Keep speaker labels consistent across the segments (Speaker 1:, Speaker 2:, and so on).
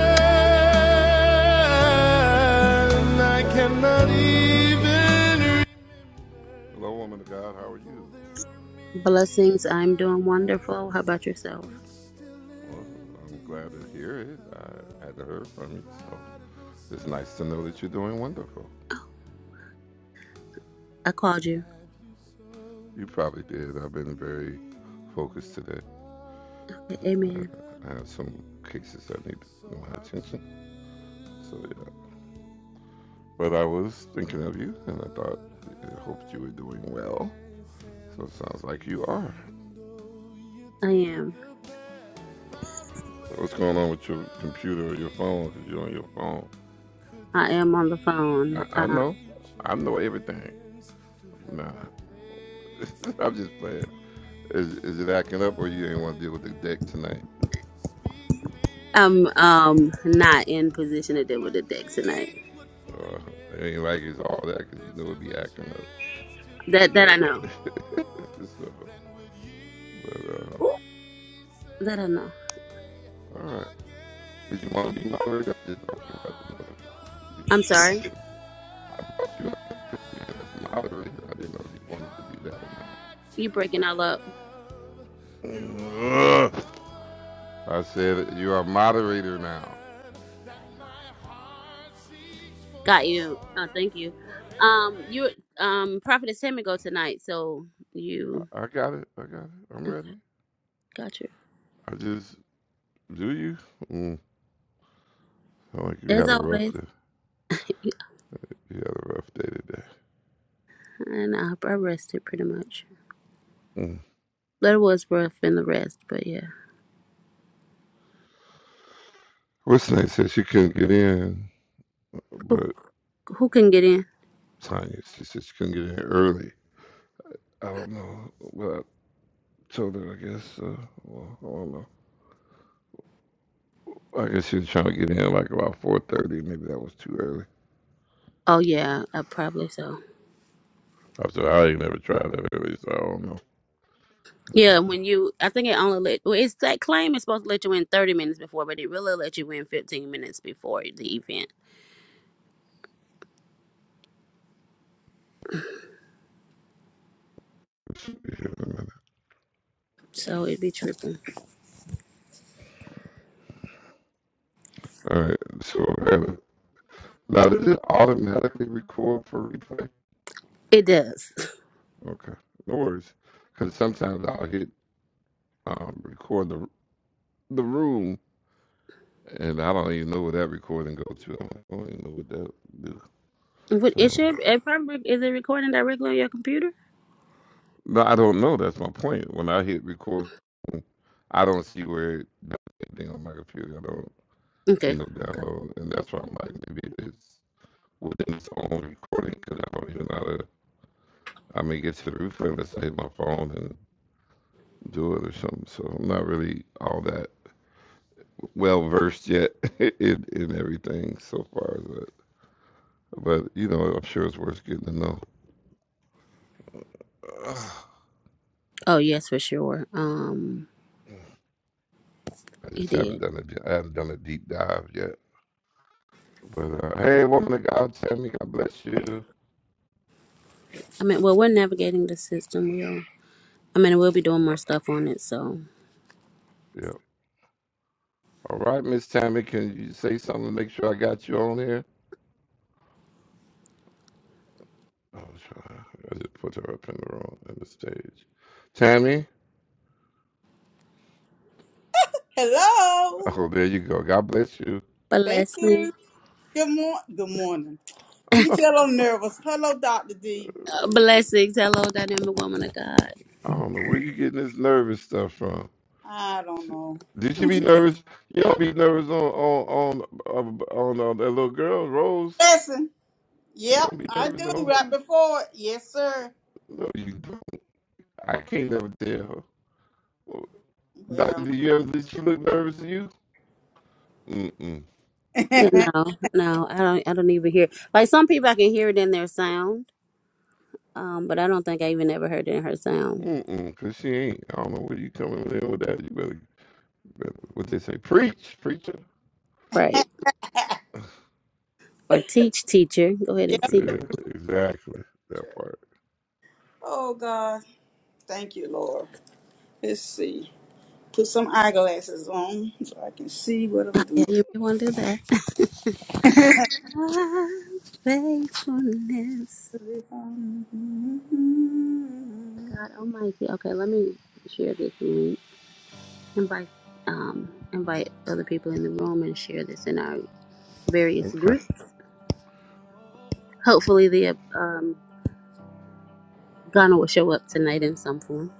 Speaker 1: And I cannot even read. There are many in
Speaker 2: Blessings. I'm
Speaker 1: my
Speaker 2: doing wonderful. How
Speaker 1: house.
Speaker 2: about yourself?
Speaker 1: It's still
Speaker 2: I called you. Okay, amen. I am. I am on the phone. Uh, I'm um not in position to deal with the deck tonight. That that I know. Ooh, that I know. I'm sorry. You breaking all up.
Speaker 1: hard season.
Speaker 2: Got you. Uh, thank you. Um,
Speaker 1: Whatever
Speaker 2: you
Speaker 1: you
Speaker 2: um prophetess Tammy go tonight, so you got you. As always, you- and I, I rested pretty much. There was rough in the rest, but yeah. Who who can get in? Oh yeah, uh, probably so. Yeah, when you, I think it only let. Well, it's that claim is supposed to let you in thirty minutes before, but it really let you in fifteen minutes before the event. So it'd be tripping. It does. What it should? It probably is it recording directly on your computer? Okay. Oh yes, for sure. Um, it did. I mean, well, we're navigating the system. We'll. I mean, we'll be doing more stuff on it. So
Speaker 3: Hello. Thank you.
Speaker 2: blessing,
Speaker 3: Good morning. Good morning. You can tell I'm nervous. Hello, Dr. D.
Speaker 2: uh, blessings. Hello, dynamic woman of God.
Speaker 3: I don't know. Listen. Yep, I do. Right before it. Yes, sir. Yeah.
Speaker 2: Yeah, no, no, I don't. I don't even hear. Like some people, I can hear it in their sound, um, but I don't think I even ever heard it in her sound. Right. Or teach, teacher. Go ahead and
Speaker 3: yep.
Speaker 2: teach.
Speaker 3: Sure. Oh, God. Thank you, Lord. Let's see. Put some eyeglasses on so I can see what I'm doing.
Speaker 2: Yeah, you want to do that. God's faithfulness. God Almighty. Okay, let me share this link. Invite, um, invite other people in the room and share this in our various groups. Hopefully, the um, Ghana will show up tonight in some form.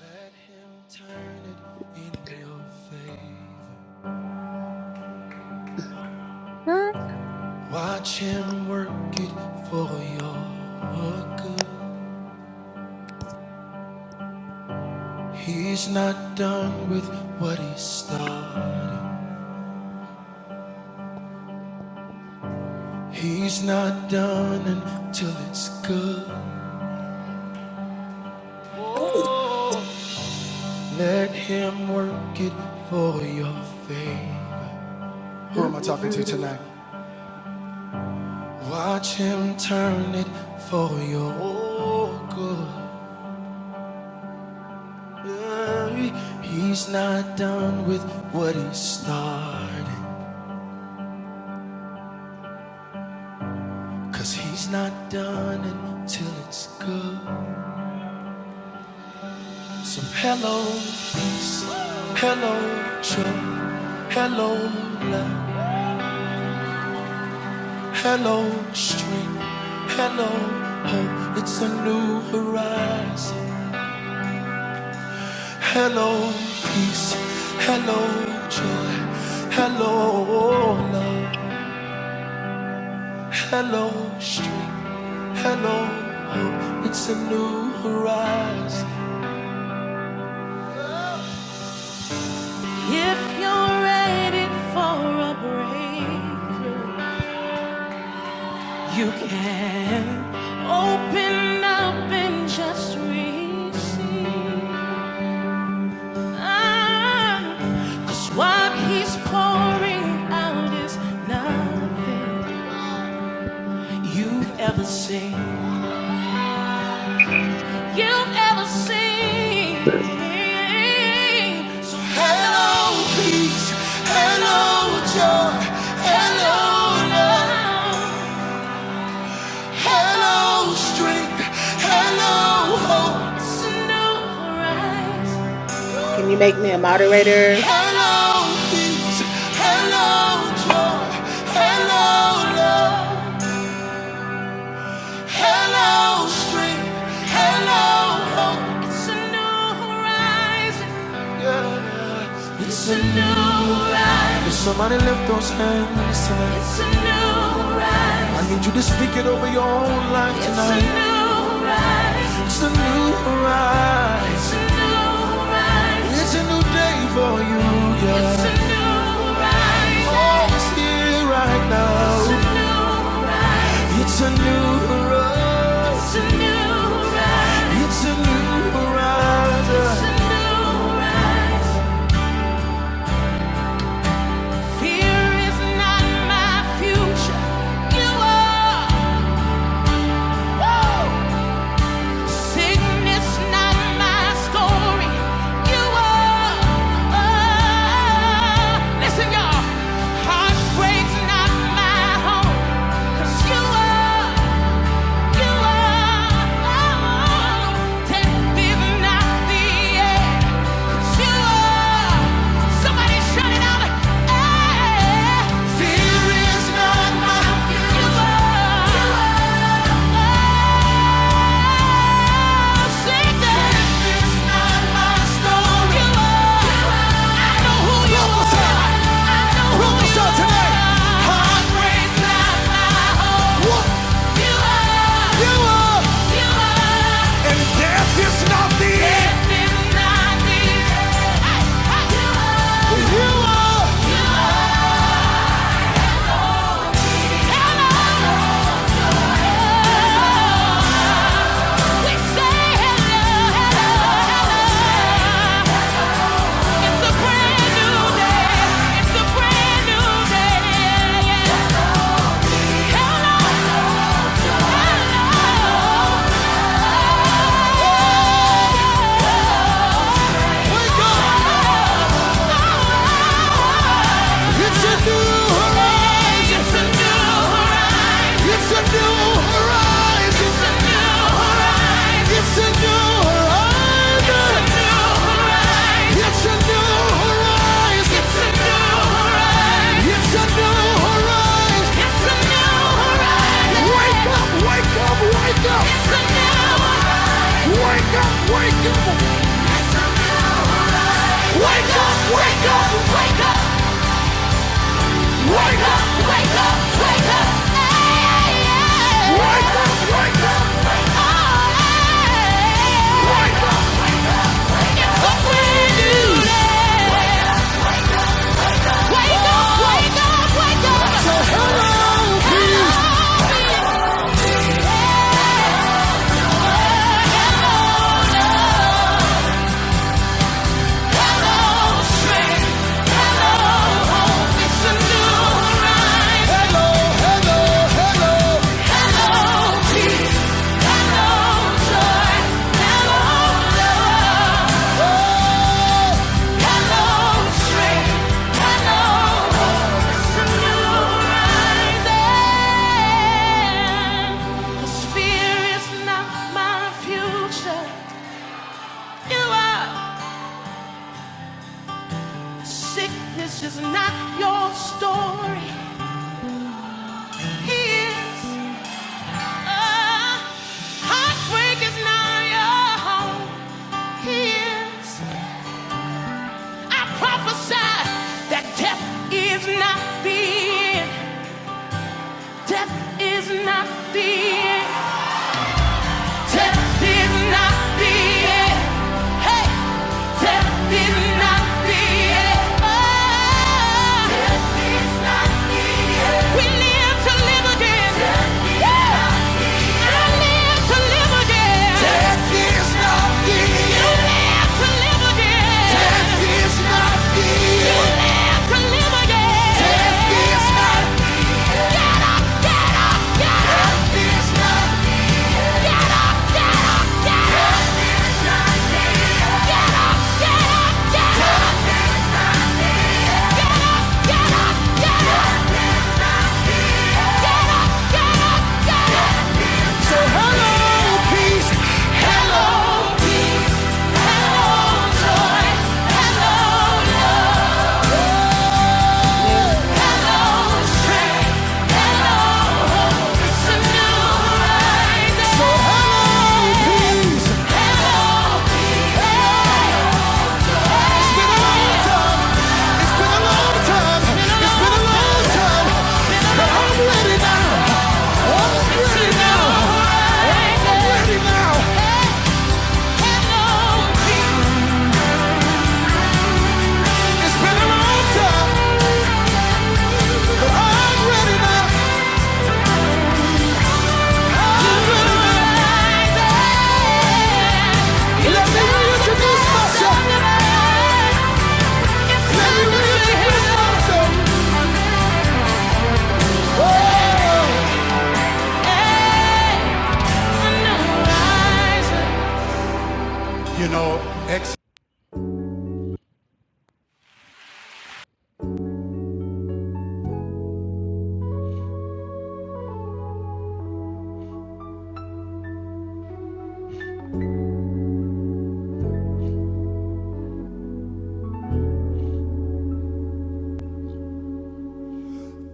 Speaker 1: let him turn it in your favor.
Speaker 2: What?
Speaker 1: Watch him work it for your good. He's not done with what he started. He's not done until it's good. Let him work it for your favor. Who am I talking to
Speaker 3: Mm-mm.
Speaker 1: tonight? Watch him turn it for your good. Hey, He's not done with what he started. 'Cause he's not done until it's good. So hello, peace. Hello, truth. Hello, love. Hello, strength. Hello, hope. It's a new horizon. Hello, peace. Hello, joy. Hello, love. Hello, strength. Hello, hope. It's a new horizon. If you're ready for a breakthrough, you can open up and just receive. Cause what he's pouring out is nothing you've ever seen. You've ever seen. So hello, peace. Hello, joy. Hello, love. Hello, strength. Hello, hope. It's a new horizon.
Speaker 4: Can you make me a moderator?
Speaker 1: Hello, peace. Hello, joy. Hello, love. Hello, street. Hello, hope. It's a new horizon. Yeah. It's a new horizon. If somebody lift those hands tonight? It's a new horizon. I need you to speak it over your own life tonight. it's A new horizon. It's a new horizon. It's a new horizon. It's a new day for you. Yeah. It's a new horizon. Oh, it's here right now. It's a new horizon. It's a new horizon. It's a new horizon. It's a new horizon. It's a new horizon. Fear is not my future. You are. Woo! Sickness not my story. You are. Oh. Listen, y'all. Heartbreak's not my home. 'Cause you are. You are. It's a new horizon. It's a new horizon. It's a new horizon. It's a new horizon. It's a new horizon. It's a new horizon. It's a new horizon. It's a new horizon. Wake up, wake up, wake up. It's a new horizon. Wake up, wake up. Wake up, wake up, wake up. Hello, hello, hello. Hello, peace. This Is not your story. He is. Uh, heartbreak is not your home. He is. I prophesy that death is not the end. Death is not the end. Death is not the end. Hey, death is not the end. Oh, We live to live again. Death is not the end. I live to live again. Death is not the end. You live to live again. Death is not the end. You live to live again. Death is not. Get up, Death is not. Get up. So hello, peace. So hello, peace.
Speaker 3: Yes, Lord.
Speaker 1: It's been a long time. It's been a long time. It's been a long time. But I'm ready now. I'm ready now. I'm ready now. It's been a long time, but I'm ready now. I'm ready now. Let me reintroduce myself. Let me reintroduce myself. You know,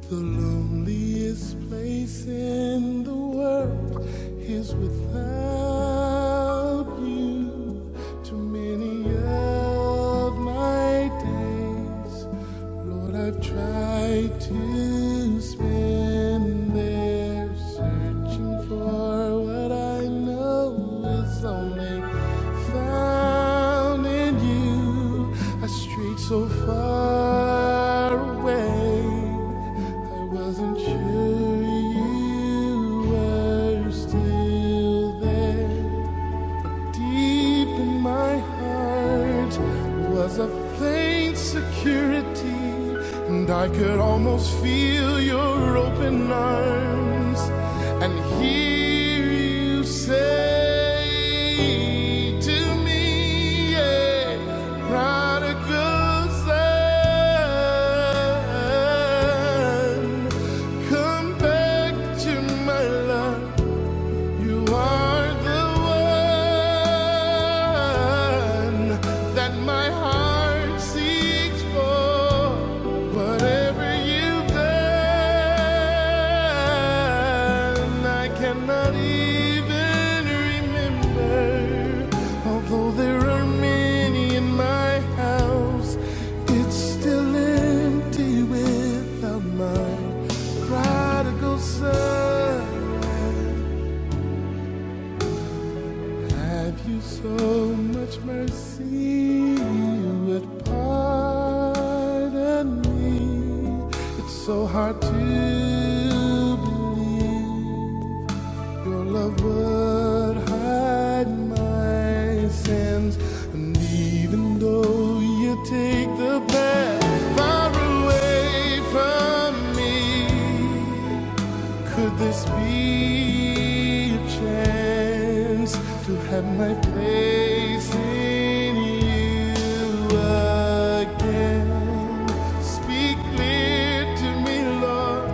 Speaker 1: The loneliest place in the world is without you. Too many of my days, Lord, I've tried to spend there searching for what I know is only found in you a street so far away. I wasn't sure you were still there. Deep in my heart was a faint security, and I could almost feel your open arms and hear you say to me, yeah, prodigal son, come back to my love. You are the one that my heart seeks for. Whatever you've done, I cannot even remember. Although there are many in my house, it's still empty without my prodigal son. Have you so much mercy you would pardon me? It's so hard to believe your love would hide my sins. And even though you take the bad far away from me, could this be a chance to have my place in you again? Speak clear to me, Lord,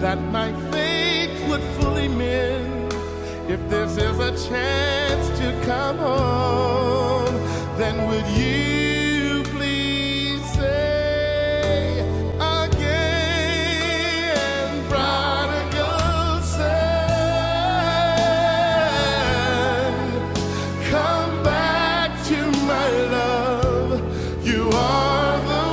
Speaker 1: that my faith would fully mend. If this is a chance to come home, then would you please say again? and prodigal son. Come back to my love. You are the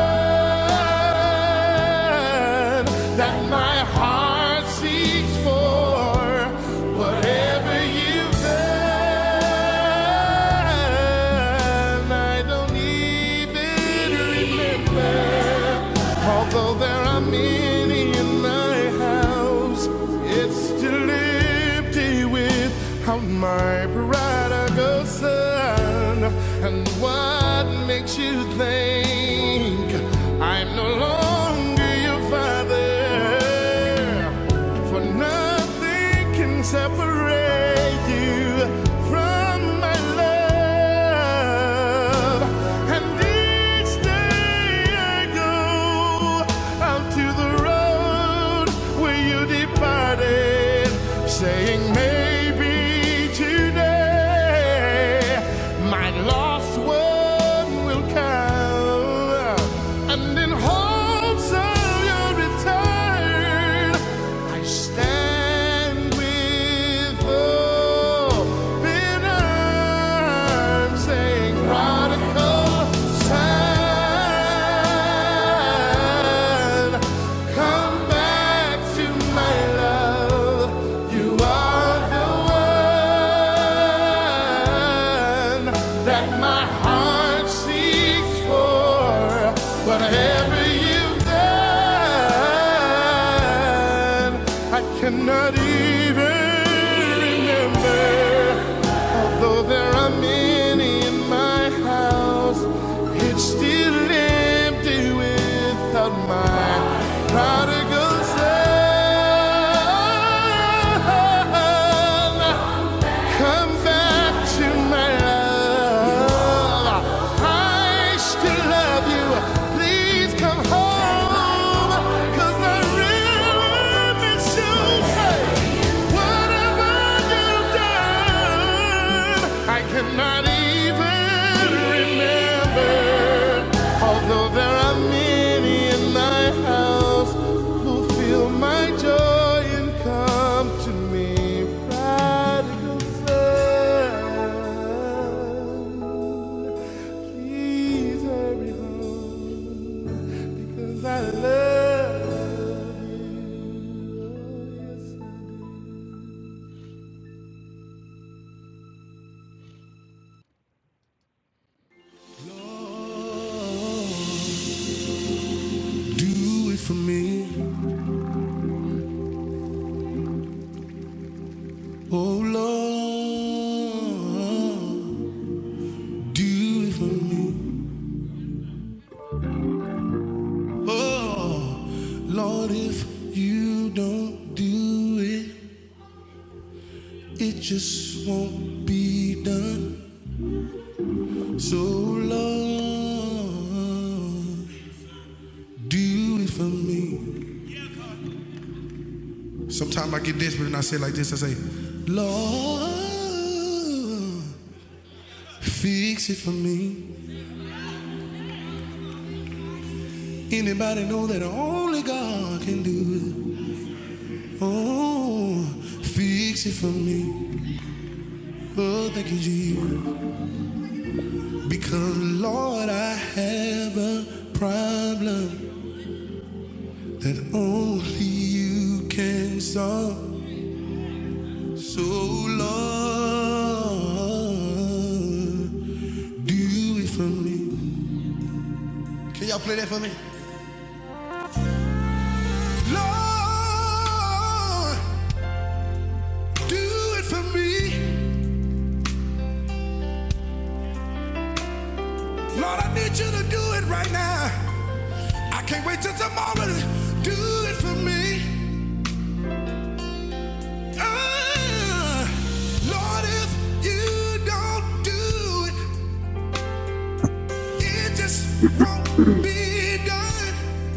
Speaker 1: one that my heart seeks for. Whatever you've done, I don't even remember. Although there are many in my house, it's still empty without my prodigal son. And what makes you think I'm no longer your father? For nothing can separate you from my love. And each day I go out to the road where you departed, saying maybe today my lost one will come. And in hopes of your return, I stand with open saying prodigal son, come back to my love. You are the one that my heart seeks for. Whatever you've done, I cannot even remember. Though there are many in my house, it's still empty without my prodigal son. Come back to my love. I still love you. Please come home. 'Cause I really miss you. Hey, what have I done? I cannot even remember. Although there are many in my house who feel my joy and come to me, prodigal son. Please hurry home because I love you. Lord, Do it for me, oh Lord. Do it for me. Oh, Lord, if you don't do it, it just won't be done. So, Lord, do it for me. Sometimes I get desperate and I say it like this I say, Lord, fix it for me. Anybody know that only God can do it? Oh, fix it for me. Oh, thank you, Jesus. Because, Lord, I have a problem that only you can solve. So, Lord, do it for me. Can y'all play that for me? Lord, do it for me. Lord, I need you to do it right now. I can't wait till tomorrow. to Do it for me. Ah, Lord, if you don't do it, It just won't be done.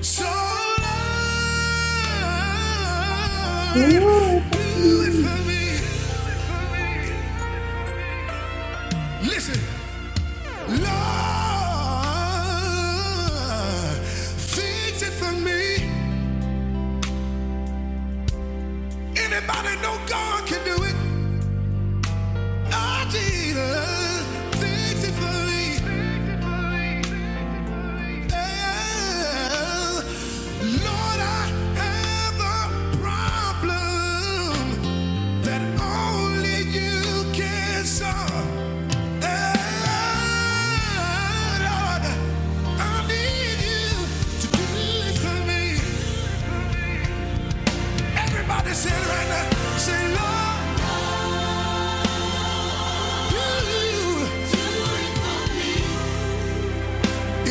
Speaker 1: So Lord, do it for me. Listen, Lord, fix it for me. Anybody know God can do it? Oh, Jesus, fix it for me. Lord, I have a problem that only you can solve. Lord, I need you to do it for me. Everybody say it right Say, Lord,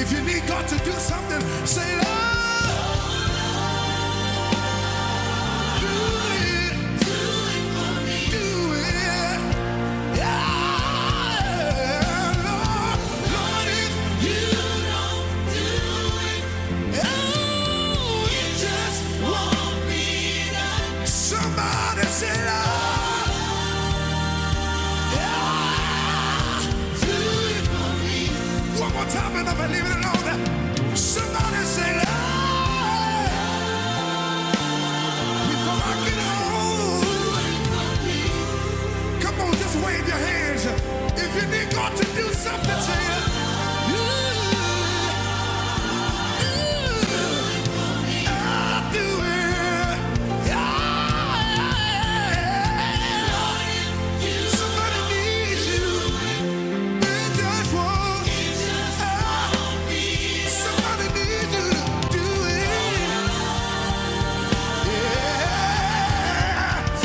Speaker 1: If you need God to do something, say, Lord. Somebody said, oh, yeah, do it for me. One more time and I'm leaving it alone. Somebody say, Lord, before I get home. Come on, just wave your hands. If you need God to do something to you, yeah, yeah, I'll do it. Yeah. yeah, yeah. Somebody needs you. They just won't. Ah, Somebody needs you to do it. Yeah.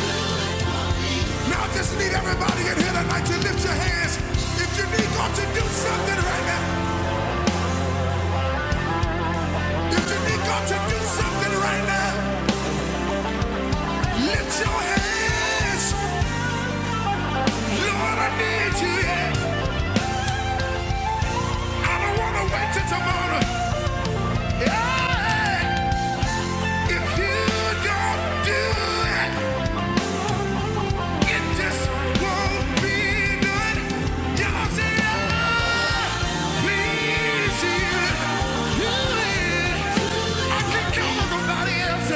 Speaker 1: Now I just need everybody in here tonight to lift your hands. If you need God to do something right now, if you need God to do something right now, lift your hands. Lord, I need you. Yeah. I don't want to wait till tomorrow. Yeah. If you don't do it, It just won't be good. Y'all say alive. Please hear it. I can't count on nobody else.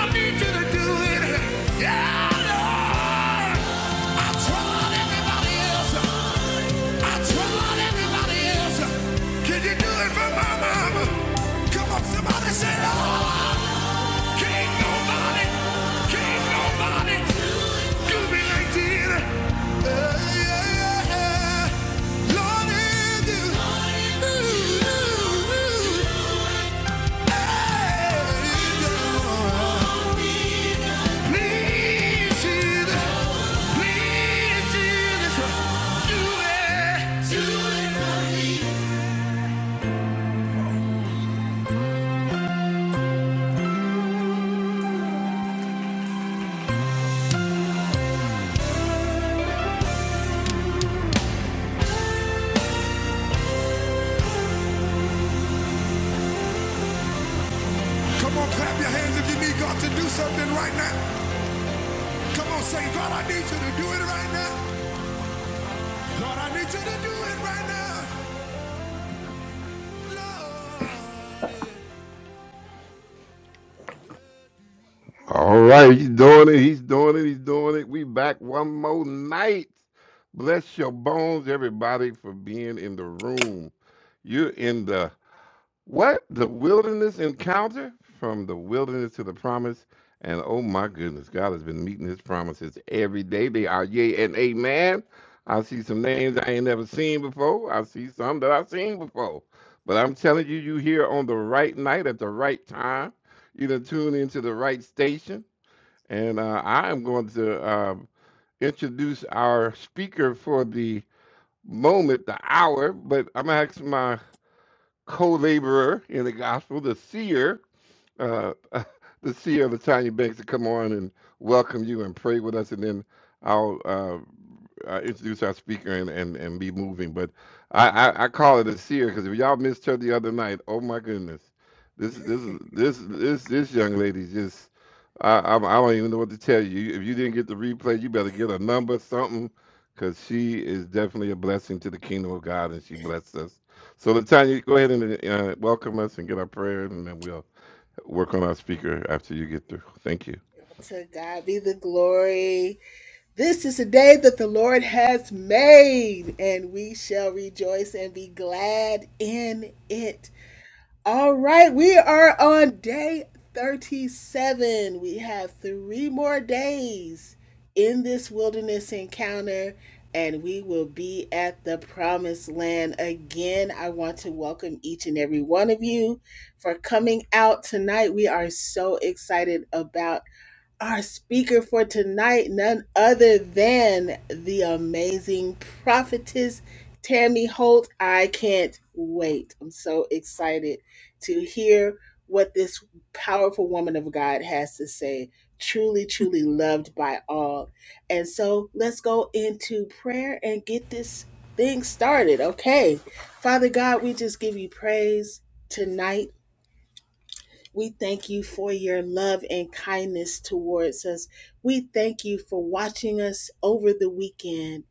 Speaker 1: I need you to do it. Yeah, Lord. I tried everybody else. I tried everybody else. Can you do it for my mama? Come on, somebody say, oh. Can't nobody, can't nobody do me like you. Yeah, yeah, yeah. Lord, if you, yeah, please, Jesus, please, do it. Come on, clap your hands if you need God to do something right now. Come on, say, God, I need you to do it right now. Lord, I need you to do it right now. Lord,
Speaker 4: To God be the glory. This is a day that the Lord has made, and we shall rejoice and be glad in it. All right, we are on day 37. We have three more days in this wilderness encounter, and we will be at the promised land again. I want to welcome each and every one of you for coming out tonight. We are so excited about our speaker for tonight, none other than the amazing prophetess Tammy Holt. I can't wait. I'm so excited to hear what this powerful woman of God has to say. Truly, truly loved by all. And so let's go into prayer and get this thing started. Okay. Father God, we just give you praise tonight. We thank you for your love and kindness towards us. We thank you for watching us over the weekend.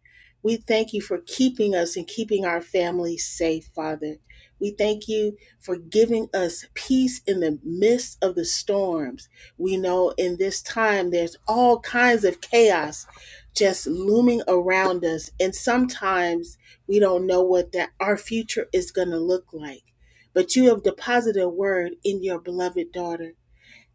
Speaker 4: We thank you for keeping us and keeping our families safe, Father. We thank you for giving us peace in the midst of the storms. We know in this time there's all kinds of chaos just looming around us. And sometimes we don't know what that our future is going to look like but you have deposited a word in your beloved daughter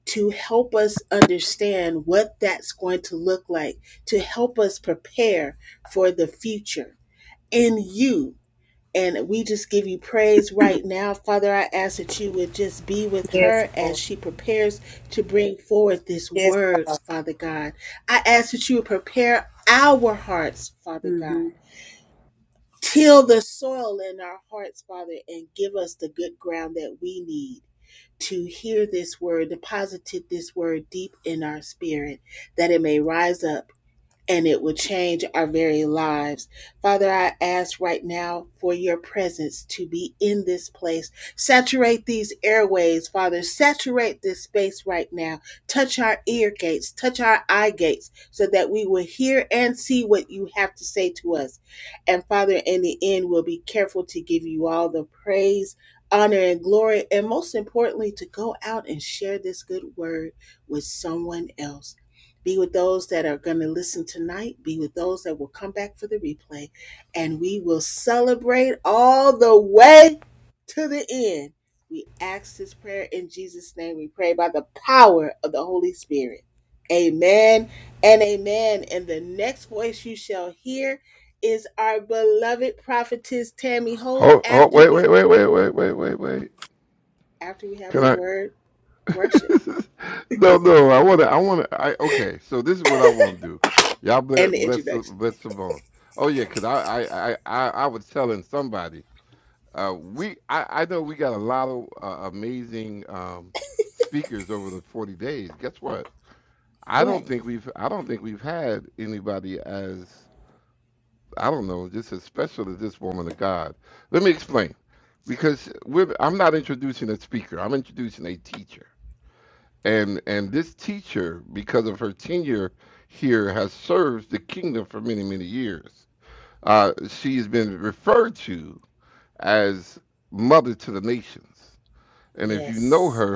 Speaker 4: to help us understand what that's going to look like, to help us prepare for the future in you. And we just give you praise right now. Father, I ask that you would just be with
Speaker 3: Yes,
Speaker 4: her as
Speaker 3: Lord.
Speaker 4: she prepares to bring forward this
Speaker 3: Yes,
Speaker 4: word,
Speaker 3: God.
Speaker 4: Father God. I ask that you would prepare our hearts, Father God.
Speaker 3: hmm
Speaker 4: Till the soil in our hearts, Father, and give us the good ground that we need to hear this word, deposited this word deep in our spirit, that it may rise up and it will change our very lives. Father, I ask right now for your presence to be in this place. Saturate these airways, Father. Saturate this space right now. Touch our ear gates, touch our eye gates, so that we will hear and see what you have to say to us. And Father, in the end, we'll be careful to give you all the praise. Honor and glory, and most importantly, to go out and share this good word with someone else. Be with those that are going to listen tonight. Be with those that will come back for the replay. And we will celebrate all the way to the end. We ask this prayer in Jesus' name. We pray by the power of the Holy Spirit. Amen and amen. And the next voice you shall hear is our beloved prophetess Tammy Holt after we after we have a word worship and the introduction. What? Yes.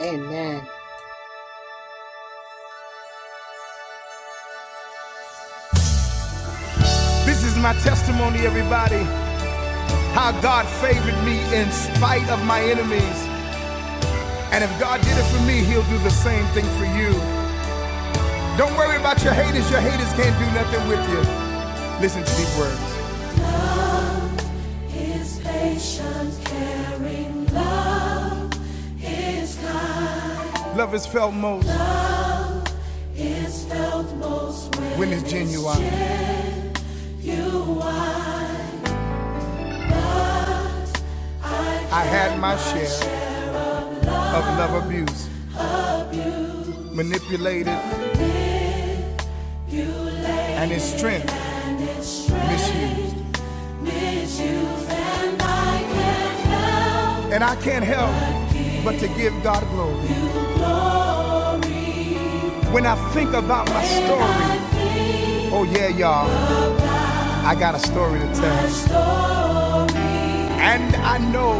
Speaker 4: Amen.
Speaker 1: yeah. This is my testimony, everybody, how God favored me in spite of my enemies. And if God did it for me, He'll do the same thing for you. Don't worry about your haters, your haters can't do nothing with you. Listen to these words Love is felt most is felt most when when it's genuine. It's I had my share of love abuse, manipulated, and its strength misused. And I can't help but to give God glory. When I think about my story, oh yeah, y'all, I got a story to tell. And I know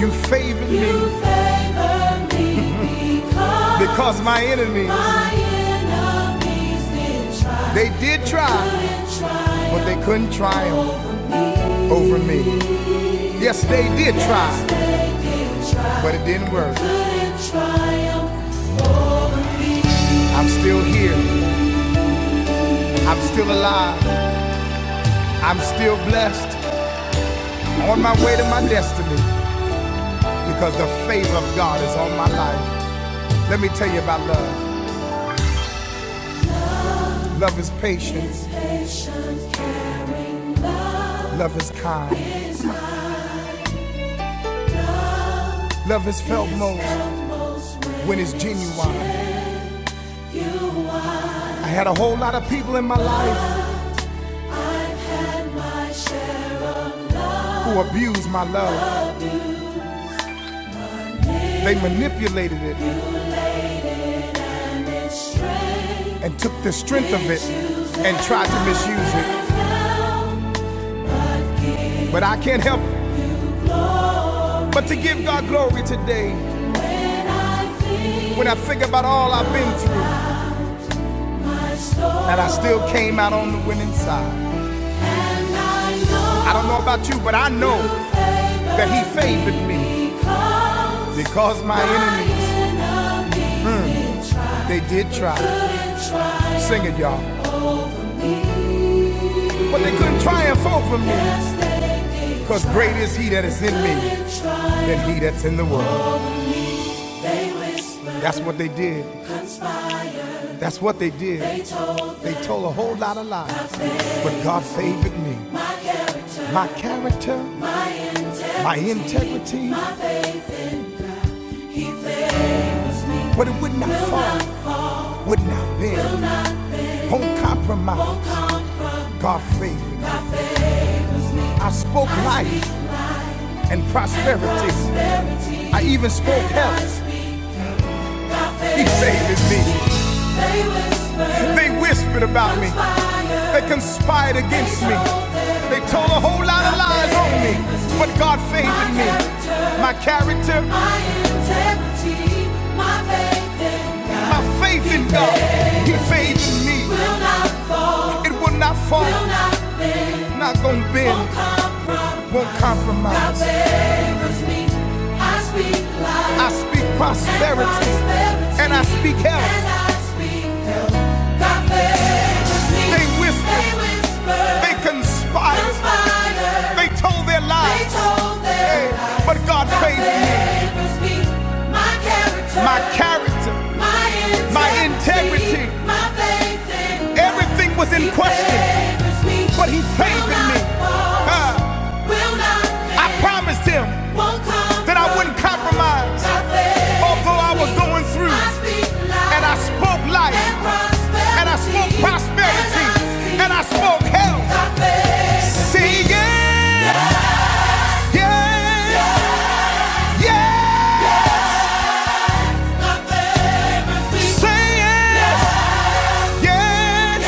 Speaker 1: you favored me because my enemies, they did try, but they couldn't triumph over me. Yes, they did try, but it didn't work. I'm still here. I'm still alive. I'm still blessed. on my way to my destiny because the favor of God is on my life. Let me tell you about love. Love is patience. Love is kind. Love is felt most when it's genuine. I had a whole lot of people in my life who abused my love. They manipulated it and took the strength of it and tried to misuse it. But I can't help but to give God glory today when I think about all I've been through and I still came out on the winning side. I don't know about you, but I know that he favored me because my enemies they did try sing it y'all but they couldn't triumph over me because great is he that is in me than he that's in the world that's what they did that's what they did they told a whole lot of lies but god favored me my character my integrity but it would not fall would not bend won't compromise god favored me i spoke life and prosperity i even spoke health He hated me. They whispered about me. They conspired against me. They told a whole lot of lies on me. But God favored me. My character, my integrity, my faith in God, My faith in God. He favored me. It will not fall not gonna bend, won't compromise. won't compromise. me. I speak life. I speak prosperity and prosperity, and I speak And health. And I speak health. Thy favors me. They whispered, They whispered. they conspired, conspired. they told their They lies. They told their Hey, lies. but God Thy favored me. favors me. My character. My character my integrity. my integrity. My faith, in Everything was in question, me, but he favored me. God, Will Ah, I promised him that I wouldn't compromise, although I was going through. I And I spoke life, and and I spoke prosperity, and I spoke health. See, yeah, yeah, yeah. yeah, Say it, yeah,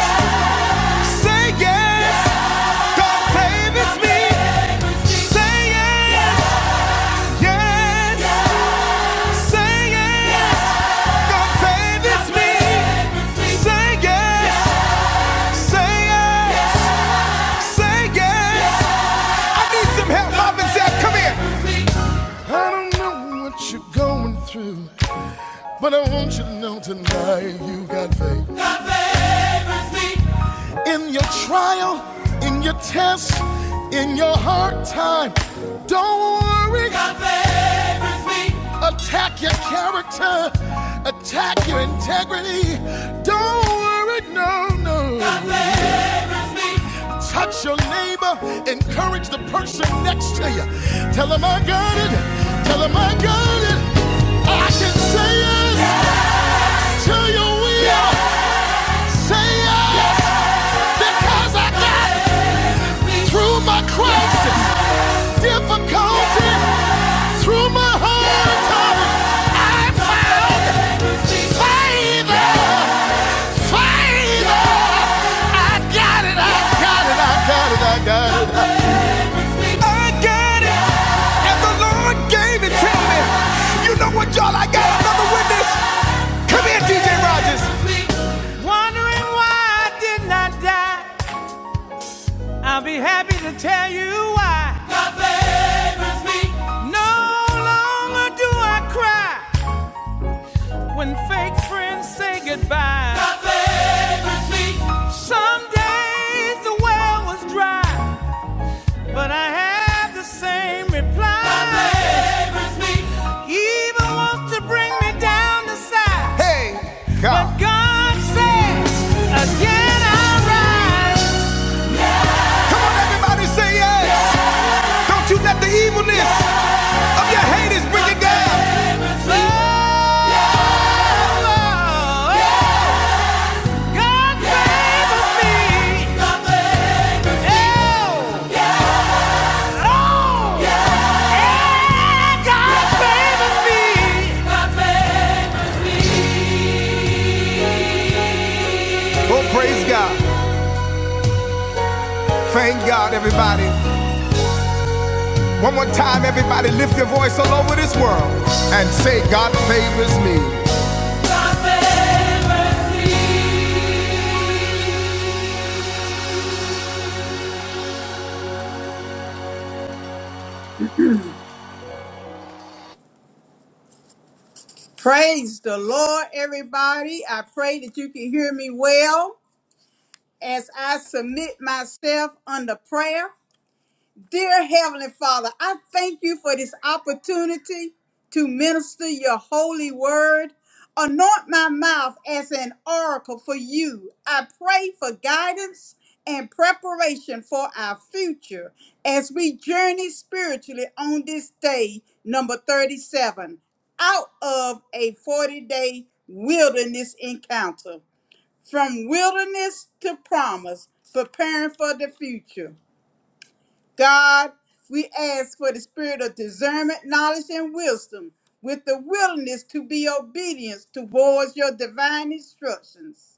Speaker 1: Say yes, God favors me. Say yes, yes. Say yes, God favors me. Say yes, say yes, say yes. I need some help, Marvin Come here. I don't know what you're going through, but I want you to know tonight you got faith. God favors me. In your trial, in your test, in your hard time, don't worry. God favors me. Attack your character, attack your integrity. Don't worry, no, no. God favors me. Touch your neighbor, encourage the person next to you. Tell them I got it, tell them I got it. I can say it yes. to you, will yes. say yes. Yes. Because I got it. Through my crisis, difficulty, through my hard time, I found favor, favor. I got it, I got it, I got it, I got it. I got it, and the Lord gave it to me. You know what, y'all? I got another witness. Come here, DJ Rogers. I'll be happy to tell you why. No longer do I cry when fake friends say goodbye. Some days the well was dry, but I have the same reply. God favors me. He even wants to bring me down to size. Hey, But God. But God says, again I rise. Come on, everybody, say yes. Yes. Don't you let the evilness yes. of your haters bring you down. Oh, God favors me. Oh, yeah. oh. yeah. God favors me. Oh, praise God. Thank God, everybody. One more time, everybody, lift your voice all over this world and say, God favors me. God favors me.
Speaker 3: Praise the Lord, everybody. I pray that you can hear me well as I submit myself under prayer. Dear Heavenly Father, I thank you for this opportunity to minister your holy word. Anoint my mouth as an oracle for you. I pray for guidance and preparation for our future as we journey spiritually on this day, number 37, out of a 40 day wilderness encounter. From wilderness to promise, preparing for the future. God, we ask for the spirit of discernment, knowledge, and wisdom with the willingness to be obedient towards your divine instructions.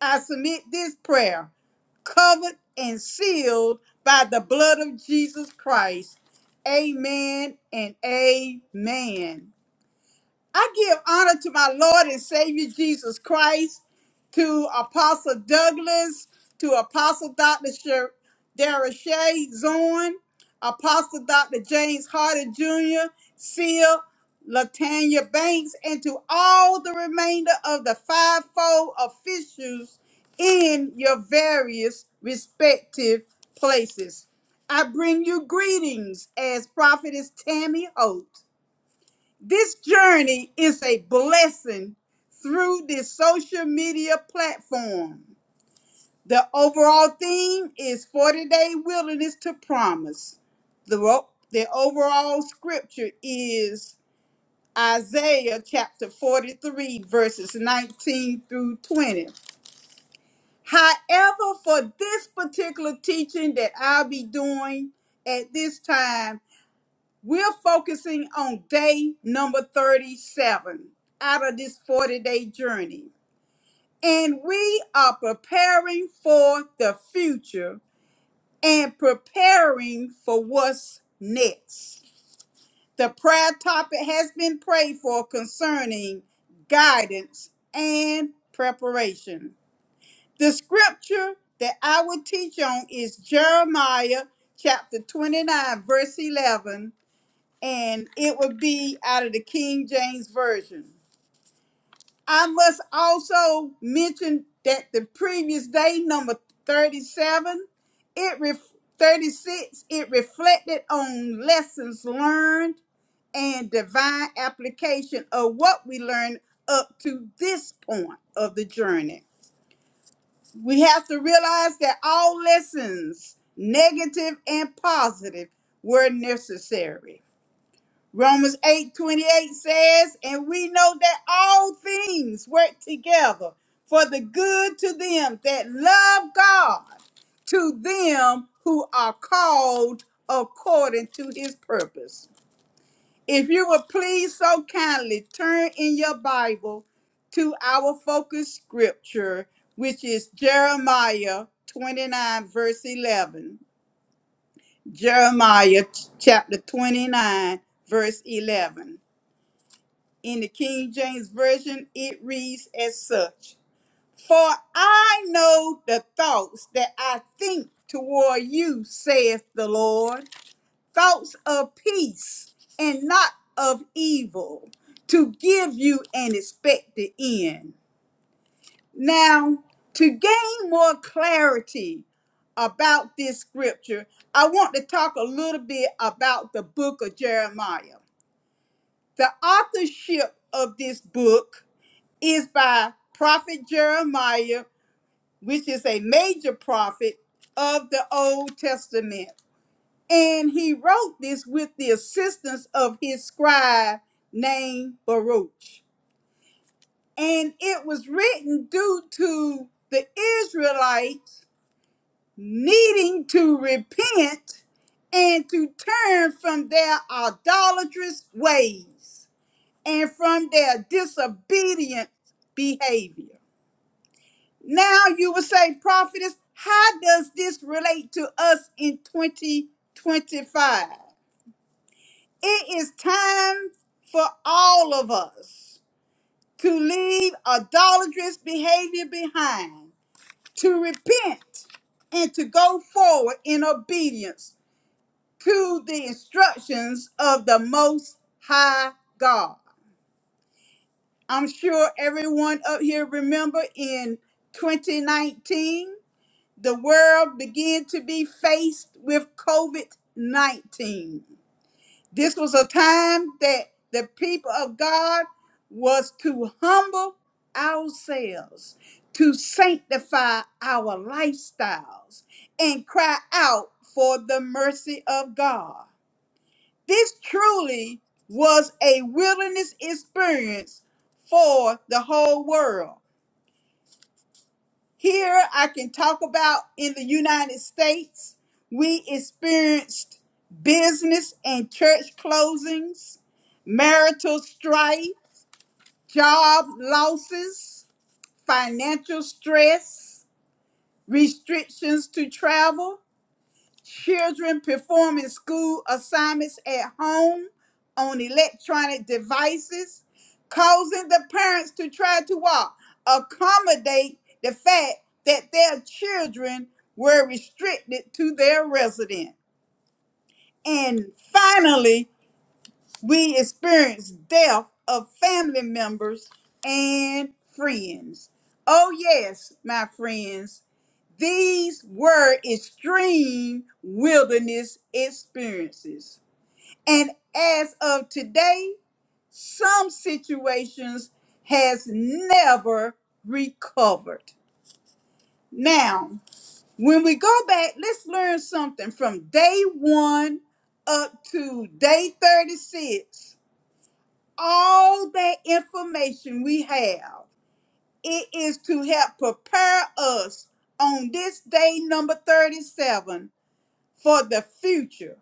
Speaker 3: I submit this prayer, covered and sealed by the blood of Jesus Christ. Amen and amen. I give honor to my Lord and Savior Jesus Christ, to Apostle Douglas, to Apostle Dr. Sher- Darashay Zorn, Apostle Dr. James Harder Jr., Seal, Latanya Banks, and to all the remainder of the fivefold officials in your various respective places. I bring you greetings as prophetess Tammy Oates. This journey is a blessing through this social media platform. The overall theme is 40 Day Wilderness to Promise. The, ro- the overall scripture is Isaiah chapter 43, verses 19 through 20. However, for this particular teaching that I'll be doing at this time, we're focusing on day number 37 out of this 40 day journey. And we are preparing for the future and preparing for what's next. The prayer topic has been prayed for concerning guidance and preparation. The scripture that I will teach on is Jeremiah chapter 29, verse 11 and it would be out of the King James Version. I must also mention that the previous day, number 37, it ref- 36, it reflected on lessons learned and divine application of what we learned up to this point of the journey. We have to realize that all lessons, negative and positive, were necessary. Romans 8 28 says, And we know that all things work together for the good to them that love God, to them who are called according to his purpose. If you will please so kindly turn in your Bible to our focus scripture, which is Jeremiah 29, verse 11. Jeremiah ch- chapter 29, verse 11. In the King James Version, it reads as such For I know the thoughts that I think toward you, saith the Lord, thoughts of peace and not of evil, to give you an expected end. Now, to gain more clarity about this scripture, I want to talk a little bit about the book of Jeremiah. The authorship of this book is by prophet Jeremiah, which is a major prophet of the Old Testament. And he wrote this with the assistance of his scribe named Baruch. And it was written due to the Israelites needing to repent and to turn from their idolatrous ways and from their disobedient behavior. Now you will say, prophetess, how does this relate to us in 2025? It is time for all of us to leave idolatrous behavior behind, to repent, and to go forward in obedience to the instructions of the Most High God. I'm sure everyone up here remember in 2019 the world began to be faced with COVID 19. This was a time that the people of God was to humble ourselves, to sanctify our lifestyles, and cry out for the mercy of God. This truly was a wilderness experience for the whole world. Here I can talk about in the United States, we experienced business and church closings, marital strife, job losses, financial stress, restrictions to travel, Children performing school assignments at home on electronic devices, causing the parents to try to walk, accommodate the fact that their children were restricted to their residence. And finally, we experience death of family members and friends. Oh, yes, my friends, these were extreme wilderness experiences. And as of today, some situations has never recovered. Now, when we go back, let's learn something from day 1 up to day 36 all that information we have. It is to help prepare us on this day, number 37, for the future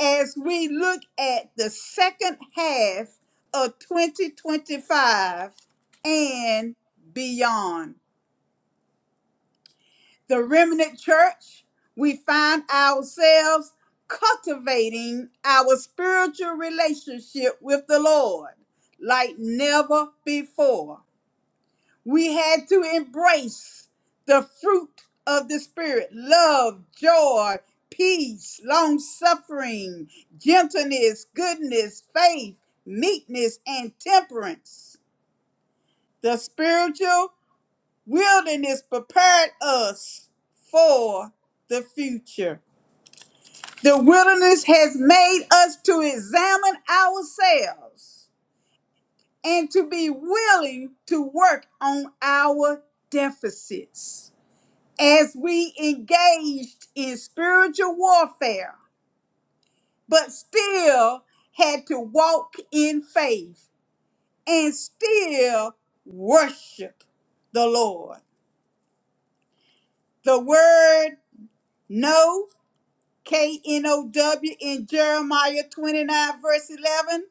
Speaker 3: as we look at the second half of 2025 and beyond. The remnant church, we find ourselves cultivating our spiritual relationship with the Lord like never before We had to embrace the fruit of the Spirit love, joy, peace, long suffering, gentleness, goodness, faith, meekness, and temperance. The spiritual wilderness prepared us for the future. The wilderness has made us to examine ourselves and to be willing to work on our deficits. as we engaged in spiritual warfare, but still had to walk in faith and still worship the Lord. The word "know" K N O W, in Jeremiah 29, verse 11,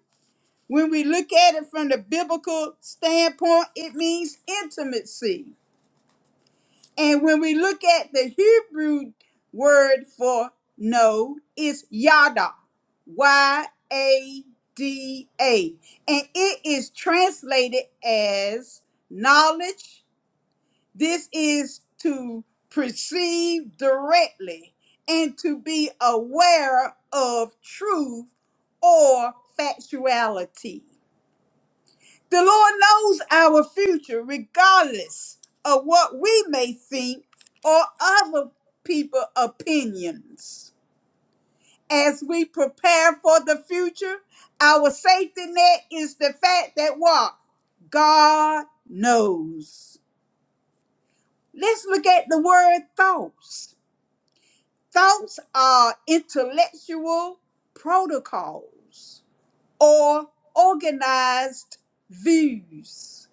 Speaker 3: when we look at it from the biblical standpoint, it means intimacy. And when we look at the Hebrew word for no, it's yada, Y A D A. And it is translated as knowledge. This is to perceive directly and to be aware of truth or factuality. The Lord knows our future, regardless of what we may think or other people's opinions. As we prepare for the future, our safety net is the fact that what? God knows. Let's look at the word thoughts. Thoughts are intellectual protocols or organized views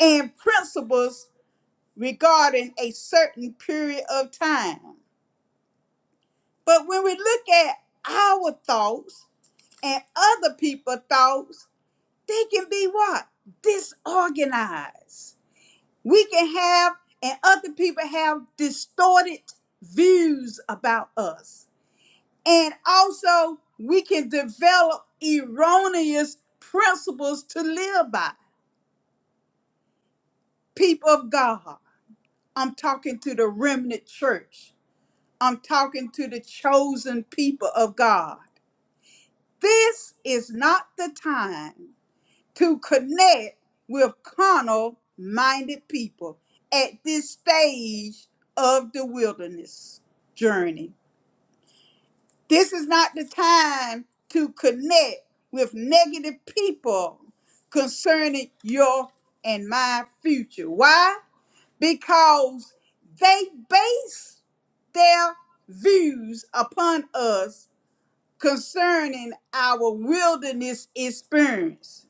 Speaker 3: and principles regarding a certain period of time. But when we look at our thoughts and other people's thoughts, they can be what? Disorganized. We can have, and other people have distorted views about us. And also, we can develop erroneous principles to live by. People of God, I'm talking to the remnant church I'm talking to the chosen people of God. This is not the time to connect with carnal minded people at this stage of the wilderness journey. This is not the time to connect with negative people concerning your and my future. Why? Because they base their views upon us concerning our wilderness experience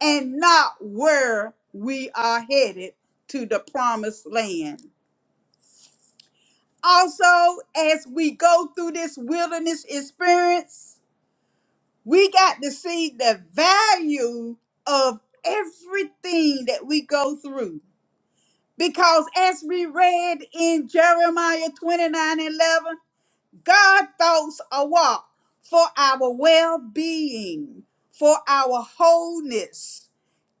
Speaker 3: and not where we are headed to the promised land. Also, as we go through this wilderness experience, we got to see the value of everything that we go through. Because as we read in Jeremiah 29 11. God thoughts are what? For our well being, for our wholeness,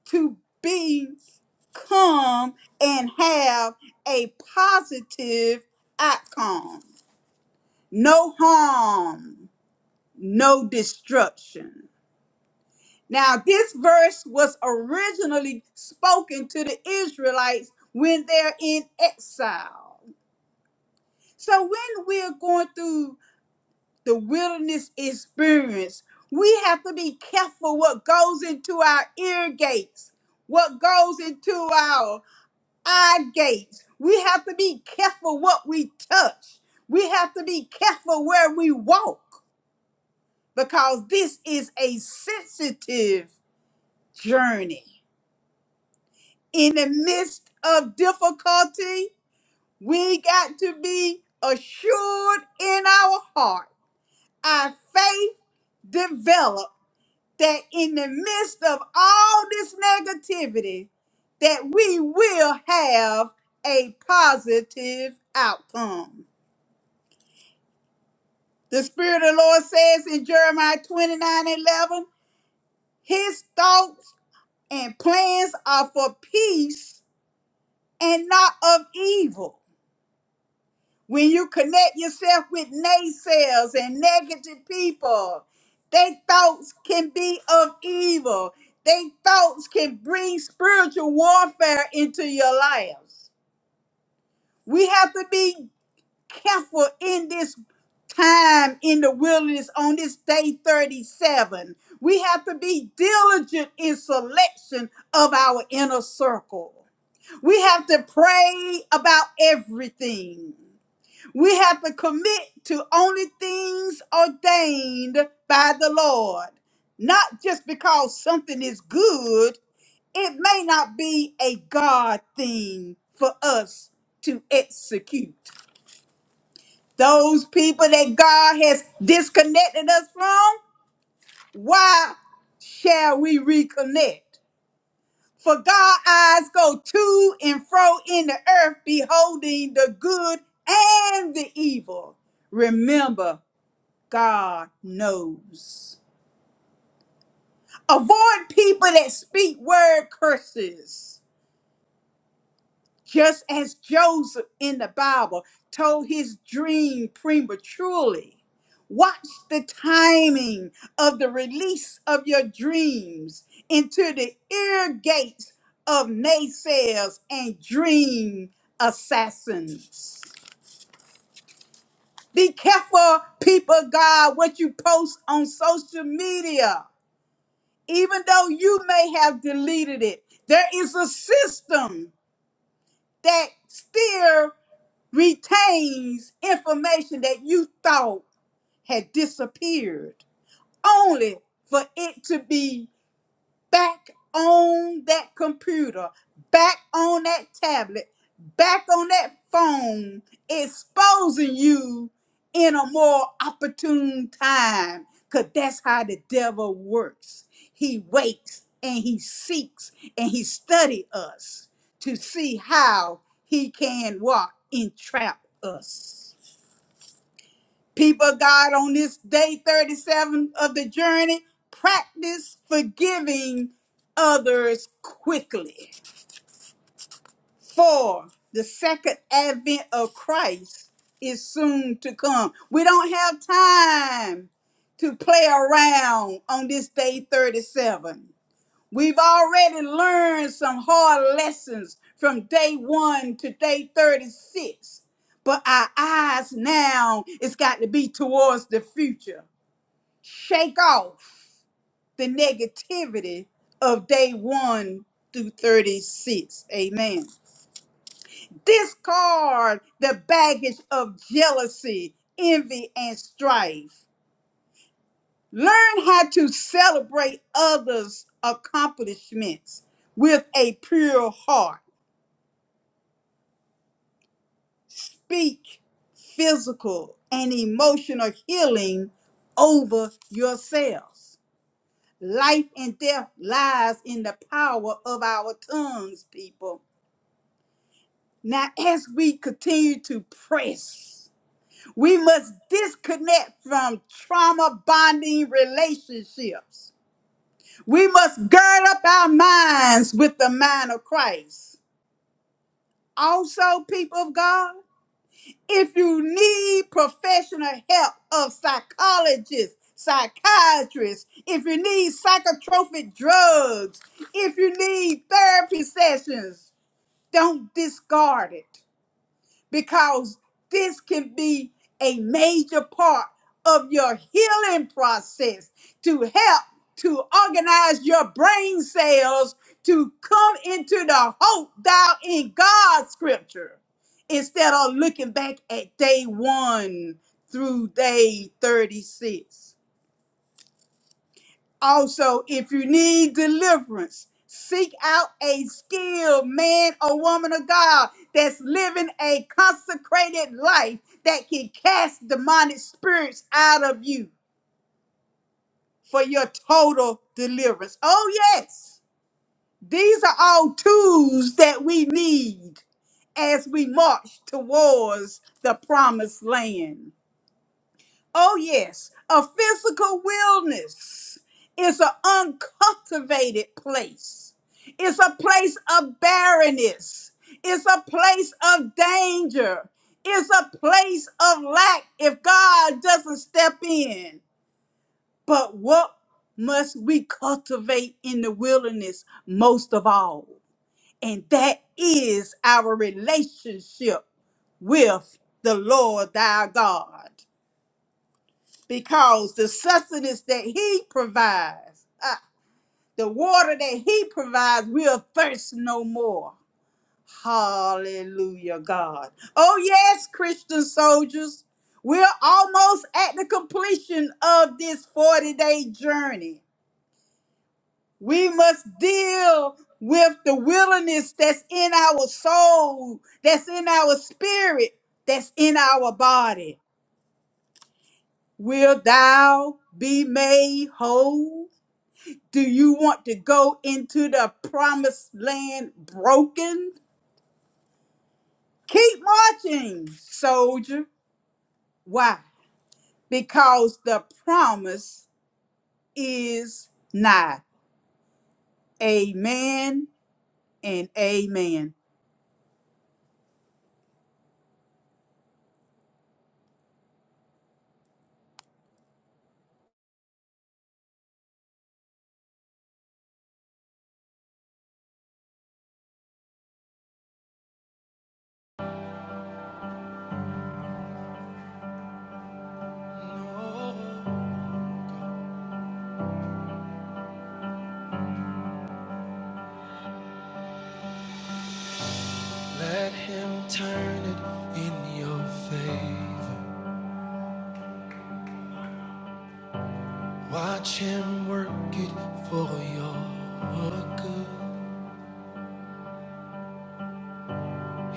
Speaker 3: to become and have a positive outcome. No harm, no destruction. Now, this verse was originally spoken to the Israelites when they're in exile. So, when we're going through the wilderness experience, we have to be careful what goes into our ear gates, what goes into our eye gates. We have to be careful what we touch. We have to be careful where we walk because this is a sensitive journey. In the midst of difficulty, we got to be assured in our heart. Our faith develops that in the midst of all this negativity that we will have a positive outcome. The Spirit of the Lord says in Jeremiah 29 and 11, His thoughts and plans are for peace and not of evil When you connect yourself with naysayers and negative people, their thoughts can be of evil. Their thoughts can bring spiritual warfare into your lives. We have to be careful in this time in the wilderness on this day 37. We have to be diligent in selection of our inner circle. We have to pray about everything. We have to commit to only things ordained by the Lord, not just because something is good. It may not be a God thing for us to execute. Those people that God has disconnected us from, why shall we reconnect? For God's eyes go to and fro in the earth, beholding the good and the evil. Remember, God knows. Avoid people that speak word curses. Just as Joseph in the Bible told his dream prematurely. Watch the timing of the release of your dreams into the ear gates of naysayers and dream assassins. Be careful, people of God, what you post on social media. even though you may have deleted it, there is a system that still retains information that you thought had disappeared, only for it to be back on that computer, back on that tablet, back on that phone, exposing you in a more opportune time. Because that's how the devil works. He waits and he seeks and he studies us to see how he can walk and trap us. People of God, on this day 37 of the journey, practice forgiving others quickly. For the second advent of Christ is soon to come. We don't have time to play around on this day 37. We've already learned some hard lessons from day one to day 36 but our eyes now it's got to be towards the future shake off the negativity of day one through 36. Amen. Discard the baggage of jealousy, envy, and strife. Learn how to celebrate others' accomplishments with a pure heart. Speak physical and emotional healing over yourselves. Life and death lies in the power of our tongues, people. Now, as we continue to press, we must disconnect from trauma bonding relationships. We must gird up our minds with the mind of Christ. Also, people of God, If you need professional help of psychologists, psychiatrists, if you need psychotropic drugs, if you need therapy sessions, don't discard it because this can be a major part of your healing process to help to organize your brain cells to come into the hope thou in God's scripture instead of looking back at day one through day 36. Also, if you need deliverance, seek out a skilled man or woman of God that's living a consecrated life that can cast demonic spirits out of you for your total deliverance. Oh, yes. These are all tools that we need as we march towards the promised land. Oh, yes, a physical wilderness is an uncultivated place. It's a place of barrenness. It's a place of danger. It's a place of lack if God doesn't step in. But what must we cultivate in the wilderness most of all? And that is our relationship with the Lord thy God because the sustenance that he provides, ah, the water that he provides, we'll thirst no more. Hallelujah, God. Oh, yes, Christian soldiers, we're almost at the completion of this 40 day journey. We must deal with the wilderness that's in our soul, that's in our spirit, that's in our body. Will thou be made whole? Do you want to go into the promised land broken? Keep marching, soldier. Why? Because the promise is nigh. Amen and amen.
Speaker 1: Let him turn it in your favor. Watch him work it for your good.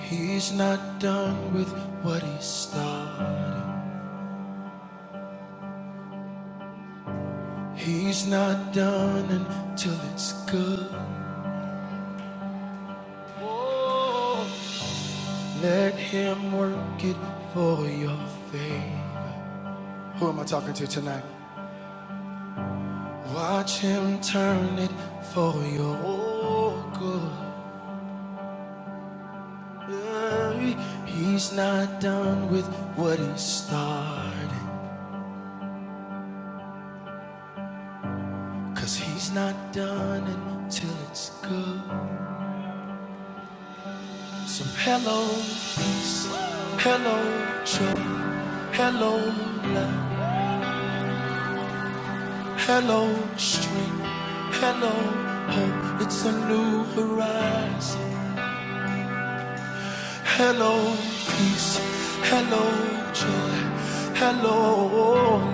Speaker 1: He's not done with what he started. He's not done until it's good. Let him work it for your favor. Who am I talking to tonight? Watch him turn it for your good. Hey, He's not done with what he started. 'Cause he's not done until it's good. So hello, peace. Hello, joy. Hello, love. Hello, street. Hello, hope. It's a new horizon. Hello, peace. Hello, joy. Hello,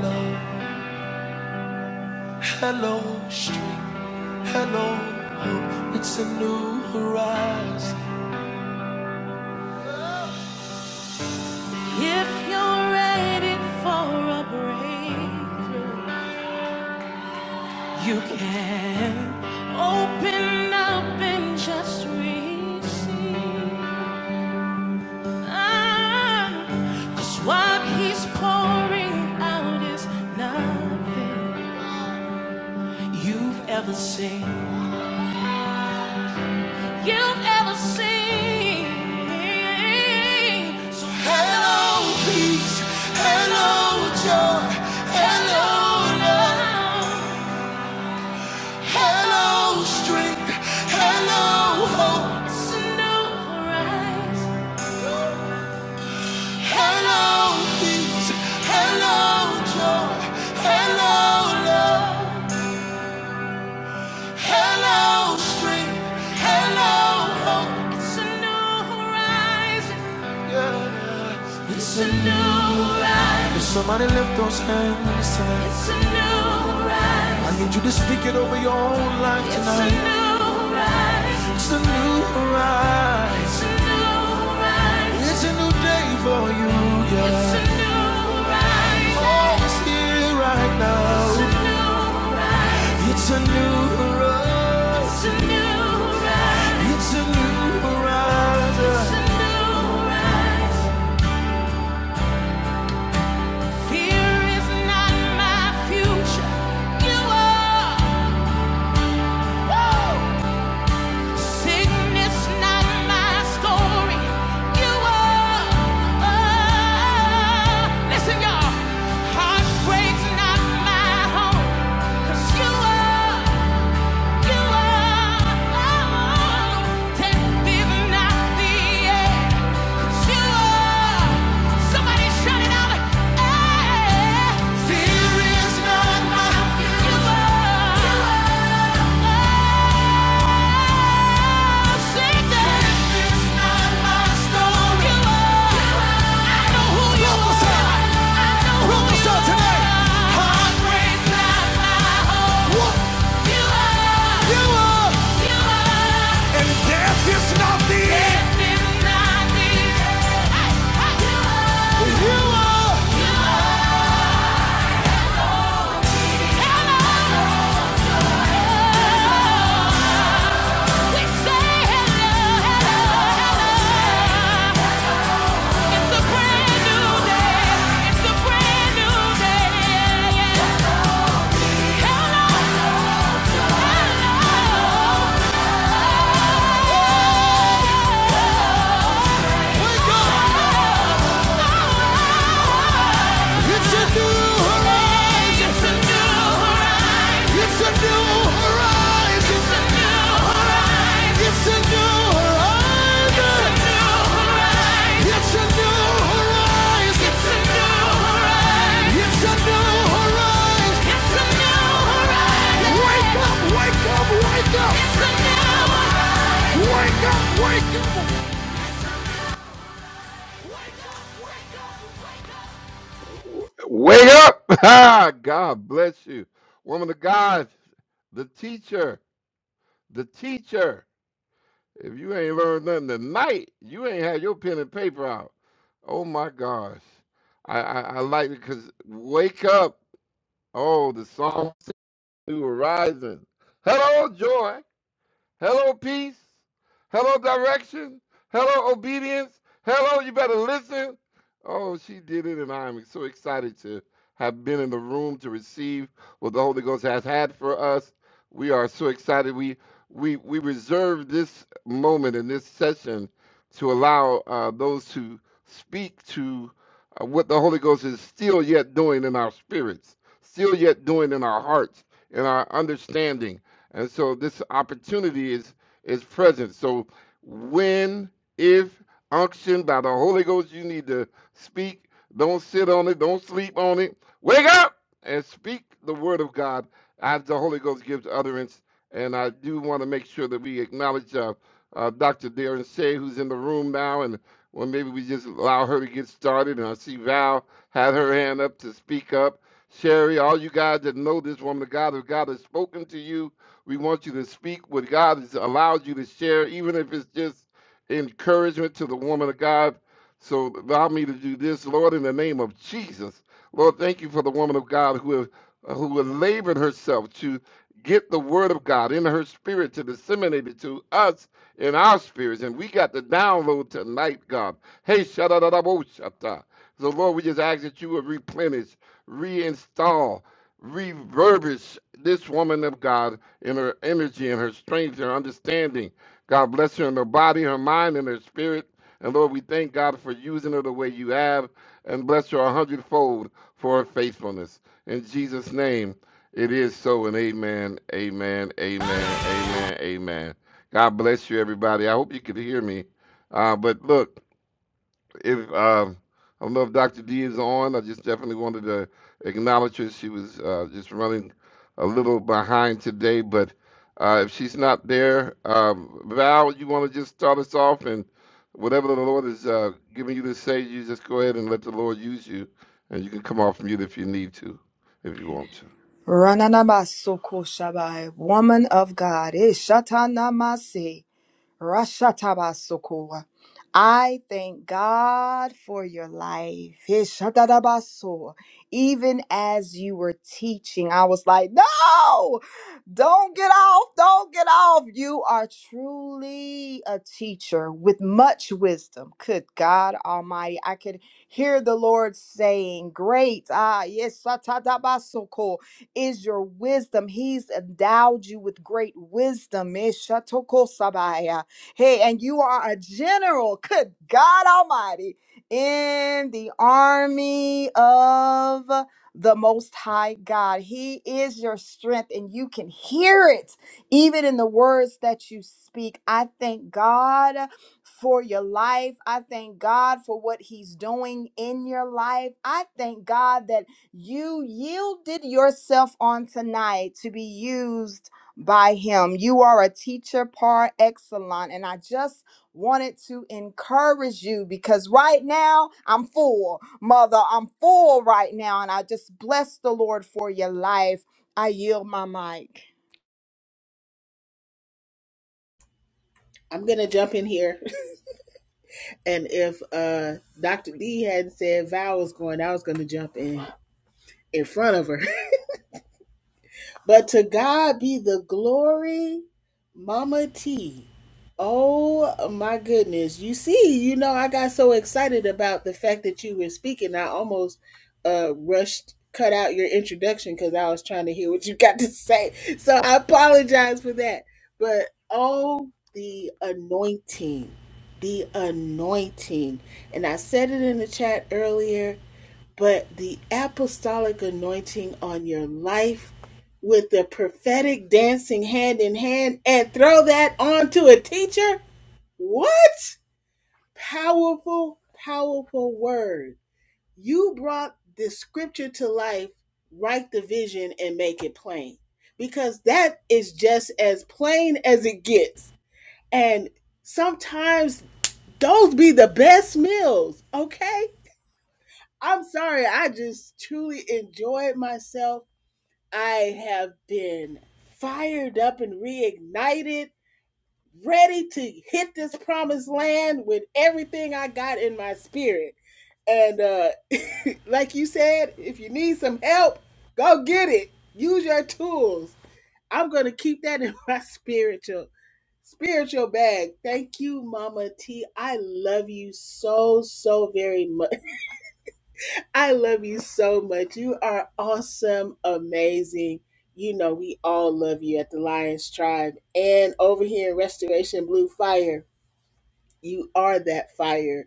Speaker 1: love. Hello, street. Hello, hope. It's a new horizon. If you're ready for a breakthrough, you can open up and just read. Ah, Cause what he's pouring out is nothing you've ever seen. You've ever seen. So hello, peace. Hello, joy. Hello, love. Hello, strength. Hello, hope. Hello, peace. Hello, joy. Hello, love. Hello, strength. Hello, hope. It's a new horizon. Yeah. It's a new horizon. If somebody lift those hands tonight? It's a new horizon. I need you to speak it over your own life tonight. It's a new horizon. It's a new day for you. Yeah. It's a new horizon. Oh, it's here right now. It's a new horizon. It's a new horizon. It's a new horizon. It's a new horizon. Fear is not my future. You are. Woo! Sickness not my story. You are. Oh. Listen, y'all. Heartbreak's not my home. 'Cause you are. Tonight, heartbreak's not my hope. You are, you are, you are. It's a new horizon. It's a new horizon. It's a new horizon. It's a new horizon. It's a new horizon. It's a new horizon. It's a new horizon. Wake up, wake up, wake up. It's a new horizon.
Speaker 5: Rananamasoko Shabai, woman of God, Ishatanamase. Rashatabasoko. I thank God for your life. Heshadadabaso. Even as you were teaching, I was like, no, don't get off, don't get off. You are truly a teacher with much wisdom. Good God Almighty. I could hear the Lord saying, Great, ah, yes, satadabasoko is your wisdom. He's endowed you with great wisdom. Meshatokosabai. Hey, and you are a general, good God Almighty, in the army of the Most High God. He is your strength, and you can hear it even in the words that you speak. I thank God for your life. I thank God for what He's doing in your life. I thank God that you yielded yourself on tonight to be used by him. You are a teacher par excellence. And I just wanted to encourage you because right now I'm full, mother. I'm full right now. And I just bless the Lord for your life. I yield my mic.
Speaker 4: I'm gonna jump in here And if uh Dr. D hadn't said Val was going, I was gonna jump in in front of her. But to God be the glory, Mama T. Oh my goodness. You see, you know, I got so excited about the fact that you were speaking. I almost uh rushed cut out your introduction because I was trying to hear what you got to say. So I apologize for that. But oh the anointing. The anointing. And I said it in the chat earlier but the apostolic anointing on your life with the prophetic dancing hand in hand and throw that on to a teacher? What? Powerful, powerful word. You brought this scripture to life, write the vision and make it plain because that is just as plain as it gets. And sometimes those be the best meals, okay? I'm sorry. I just truly enjoyed myself. I have been fired up and reignited, ready to hit this promised land with everything I got in my spirit. And uh, like you said, if you need some help, go get it. Use your tools. I'm gonna keep that in my spiritual spiritual bag. Thank you, Mama T. I love you so so very much. I love you so much. You are awesome, amazing. You know, we all love you at the Lions Tribe and over here in Restoration Blue Fire. You are that fire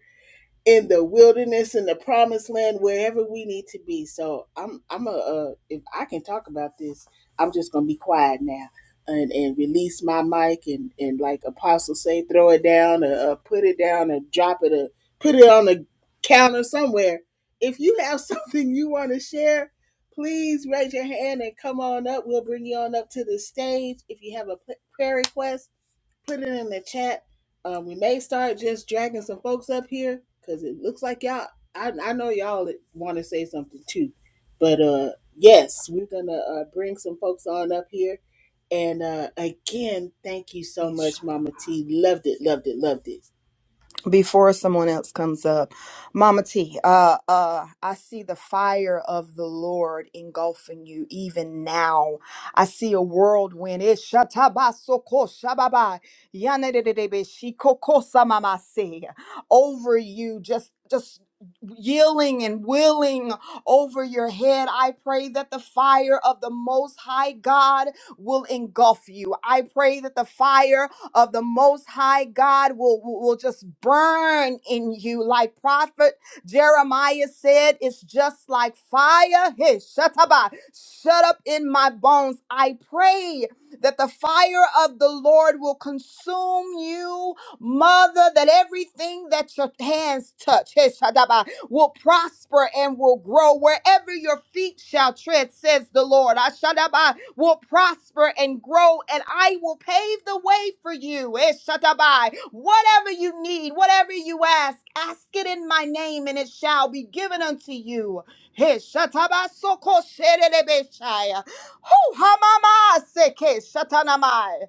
Speaker 4: in the wilderness in the promised land wherever we need to be so i'm i'm a uh, if i can talk about this i'm just gonna be quiet now and and release my mic and and like apostle say throw it down or, uh put it down or drop it or put it on the counter somewhere if you have something you want to share please raise your hand and come on up we'll bring you on up to the stage if you have a p- prayer request put it in the chat. Um, we may start just dragging some folks up here because it looks like y'all. I, I know y'all want to say something too, but uh, yes, we're gonna uh, bring some folks on up here. And uh, again, thank you so much, Mama T. Loved it, loved it, loved it.
Speaker 5: before someone else comes up. Mama T, uh, uh, I see the fire of the Lord engulfing you even now. I see a whirlwind. It shatabasoko shababa yanededebe shikoko samamase. over you, just just yielding and willing over your head. I pray that the fire of the Most High God will engulf you. I pray that the fire of the Most High God will, will will just burn in you. Like Prophet Jeremiah said, it's just like fire. Hey, shut up, ah, shut up in my bones. I pray that the fire of the Lord will consume you, mother, that everything that your hands touch will prosper and will grow wherever your feet shall tread, says the Lord. Ashadabai will prosper and grow, and I will pave the way for you. Eshadabai. Whatever you need, whatever you ask, ask it in my name, and it shall be given unto you. Eshatabasokoshedebeshaya. Hu hamama seke shatanamai.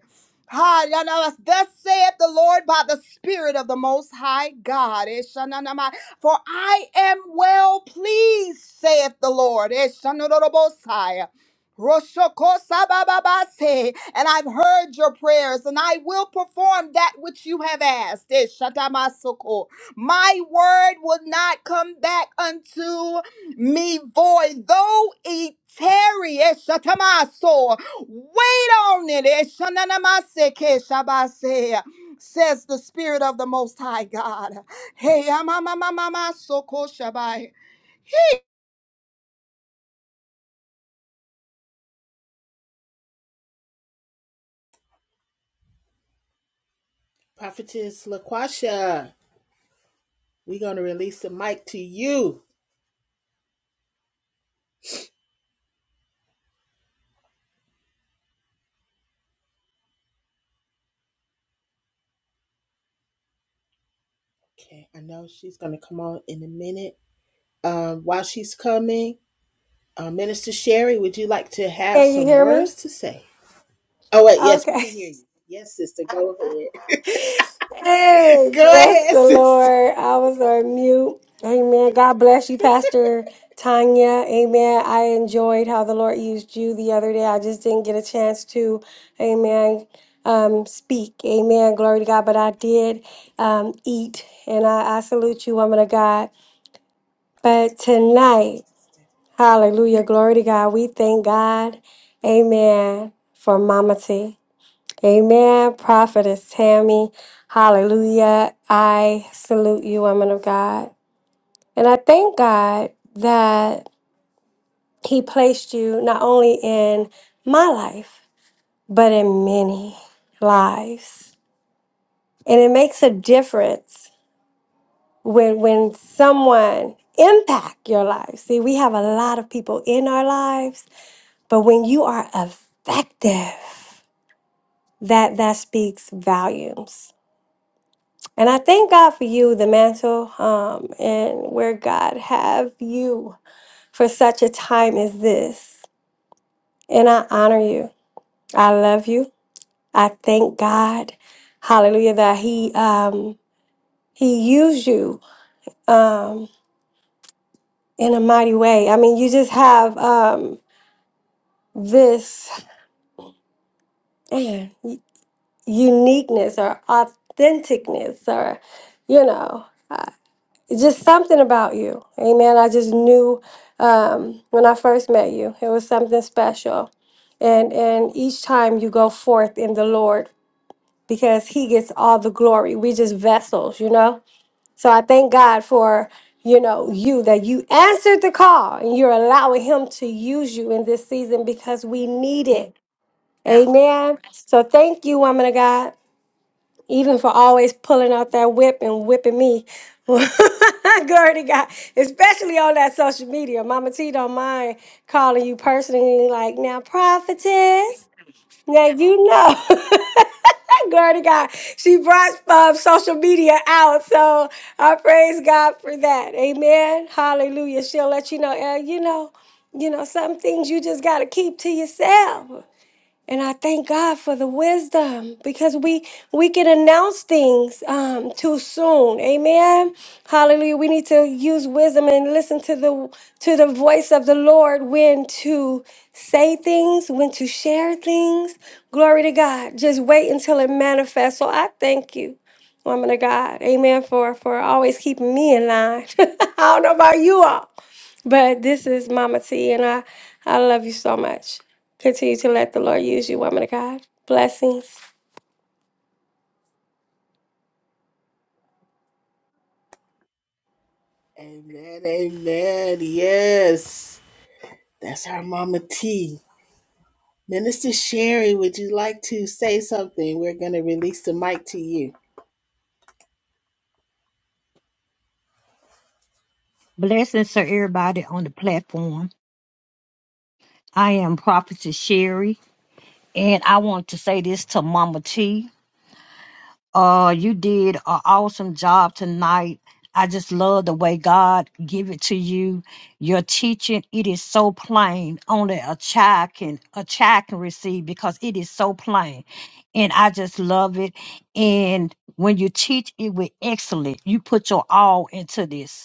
Speaker 5: Ha, yana- Thus saith the Lord by the Spirit of the Most High God. For I am well pleased, saith the Lord. Eshanorobosai. Roshokosabababase. And I've heard your prayers, and I will perform that which you have asked. Eshatamasuko. My word will not come back unto me void, though it tarry. Eshatamaso. Wait on it. Eshananamaseke shabase, Says the Spirit of the Most High God. Hey, I'm mama mama soko shabai.
Speaker 4: Prophetess Laquasha, we're gonna release the mic to you. Okay, I know she's gonna come on in a minute. Um, while she's coming, uh, Minister Sherry, would you like to have
Speaker 6: Can you
Speaker 4: some
Speaker 6: hear me?
Speaker 4: words to say? Oh wait, yes, we
Speaker 6: Okay.
Speaker 4: can hear you. Yes, sister, go ahead.
Speaker 6: Hey,
Speaker 4: Go
Speaker 6: bless
Speaker 4: ahead,
Speaker 6: the
Speaker 4: sister.
Speaker 6: Lord. I was on mute. Amen. God bless you, Pastor Tanya. Amen. I enjoyed how the Lord used you the other day. I just didn't get a chance to, amen, um, speak. Amen. Glory to God. But I did um, eat, and I, I salute you, woman of God. But
Speaker 4: Thank you,
Speaker 6: tonight, hallelujah,
Speaker 4: sister.
Speaker 6: glory to God. We thank God. Amen. For Mama T. Amen. Prophetess Tammy, hallelujah. I salute you, woman of God. And I thank God that He placed you not only in my life, but in many lives. And it makes a difference when when someone impact your life. See, we have a lot of people in our lives, but when you are effective, that that speaks volumes And I thank God for you, the mantle, um, and where God have you for such a time as this. And I honor you. I love you. I thank God, Hallelujah, that He um, He used you um, in a mighty way. I mean, you just have um, this man, uniqueness or authenticness, or you know. It's just something about you. Amen. I just knew um, when I first met you, it was something special. And and each time you go forth in the Lord, because He gets all the glory. We just vessels, you know. So I thank God for you know you that you answered the call and you're allowing Him to use you in this season because we need it. Amen. So thank you, woman of God even for always pulling out that whip and whipping me. Glory to God, especially on that social media. Mama T don't mind calling you personally, like, now, prophetess. Now, you know, glory to God, she brought um, social media out. So I praise God for that. Amen. Hallelujah. She'll let you know, uh, you know, you know, some things you just got to keep to yourself. And I thank God for the wisdom because we we can announce things um, too soon. Amen. Hallelujah. We need to use wisdom and listen to the to the voice of the Lord when to say things, when to share things. Glory to God. Just wait until it manifests. So I thank you woman of God. Amen. For for always keeping me in line. I don't know about you all, but this is Mama T, and I I love you so much. Continue to let the Lord use you, woman of God. Blessings.
Speaker 4: Amen, amen. Yes, that's our mama T. Minister Sherry, would you like to say something? We're going to release the mic to you.
Speaker 7: Blessings to everybody on the platform. I am Prophetess Sherry, and I want to say this to Mama T. Uh, you did an awesome job tonight. I just love the way God give it to you. Your teaching, it is so plain. Only a child can a child can receive because it is so plain. And I just love it. And when you teach it with excellence, you put your all into this.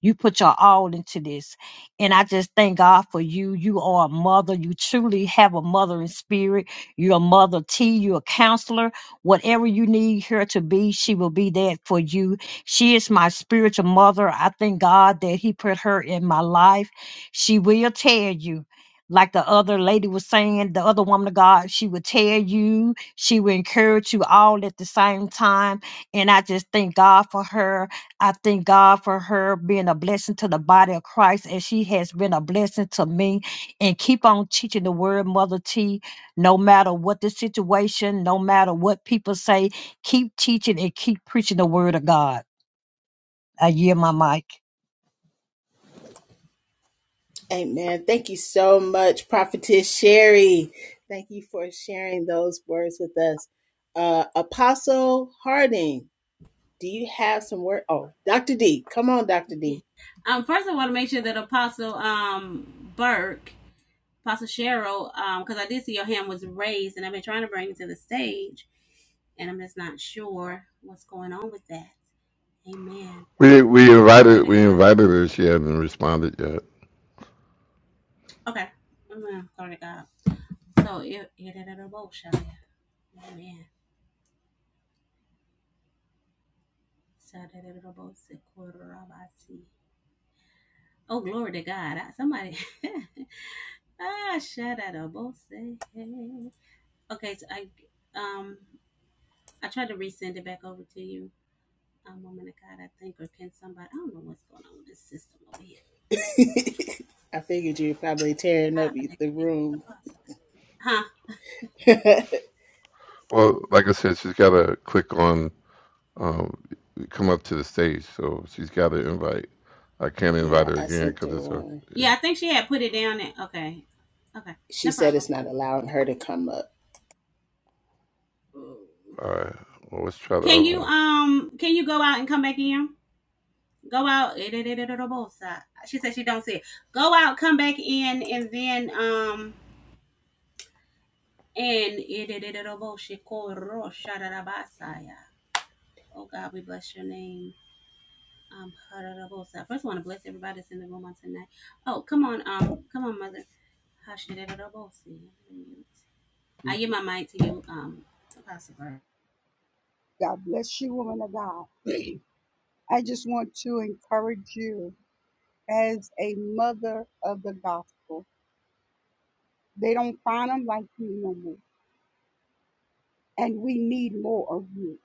Speaker 7: You put your all into this. And I just thank God for you. You are a mother. You truly have a mother in spirit. You're a mother T. You're a counselor. Whatever you need her to be, she will be that for you. She is my spiritual mother. I thank God that He put her in my life. She will tell you. Like the other lady was saying, the other woman of God, she would tell you, she would encourage you all at the same time. And I just thank God for her. I thank God for her being a blessing to the body of Christ, and she has been a blessing to me. And keep on teaching the word, Mother T, no matter what the situation, no matter what people say, keep teaching and keep preaching the word of God. I yield my mic.
Speaker 4: Amen. Thank you so much, Prophetess Sherry. Thank you for sharing those words with us. Uh, Apostle Harding, do you have some word? Oh, Dr. D, come on, Dr.
Speaker 8: Yeah.
Speaker 4: D.
Speaker 8: Um, first, I want to make sure that Apostle um Burke, Apostle Cheryl, um, because um, I did see your hand was raised, and I've been trying to bring it to the stage, and I'm just not sure what's going on with that. Amen. I'm um, glory to God. Okay. Amen. Glory to God. So it it it- it- oh, shall I? Amen. So that it- it- oh, quarter of I see. Oh, glory to God. I- Somebody. ah, shout out. Oh, say, hey. Okay, so I um I tried to resend it back over to you, um, woman of God, I think, or can somebody? I don't know what's going on with this system over here.
Speaker 4: I figured you were probably tearing
Speaker 8: Ah,
Speaker 4: up
Speaker 8: that-
Speaker 4: the
Speaker 8: that- that-
Speaker 4: room.
Speaker 8: Huh?
Speaker 4: yeah, I sent her one.
Speaker 8: Yeah, I think she had put it down. There. Okay, okay,
Speaker 4: She
Speaker 8: no
Speaker 4: said
Speaker 8: problem.
Speaker 4: it's not allowing her to come up.
Speaker 8: Can you um can you go out and come back in? Go out. She said she don't see it. Go out, come back in, and then um and oh God, we bless your name. Um, Hararabo First, I want to bless everybody that's in the room on tonight. Oh, come on, um, come on, mother. Hashidarabo si. I'm gonna mute. I give my mic to you, um, Apostle Burr.
Speaker 9: God bless you, woman of God. I just want to encourage you as a mother of the gospel. They don't find them like you no more, and we need more of you.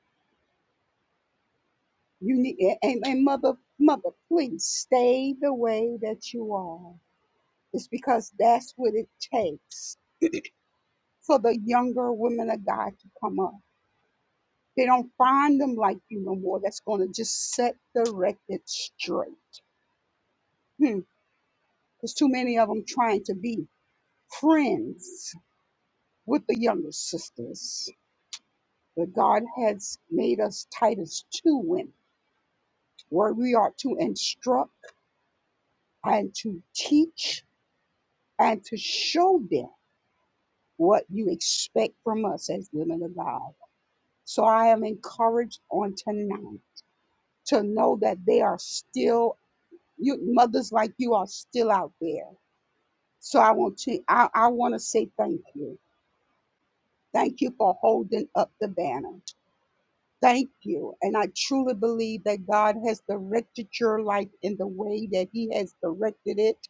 Speaker 9: You need and, and mother, mother, please stay the way that you are. It's because that's what it takes for the younger women of God to come up. They don't find them like you no more. That's going to just set the record straight. Hmm. There's too many of them trying to be friends with the younger sisters. But God has made us Titus 2 women, where we are to instruct and to teach and to show them what you expect from us as women of God. So I am encouraged on tonight to know that they are still you mothers like you are still out there. So I want to I, I want to say thank you. Thank you for holding up the banner. thank you. And I truly believe that God has directed your life in the way that He has directed it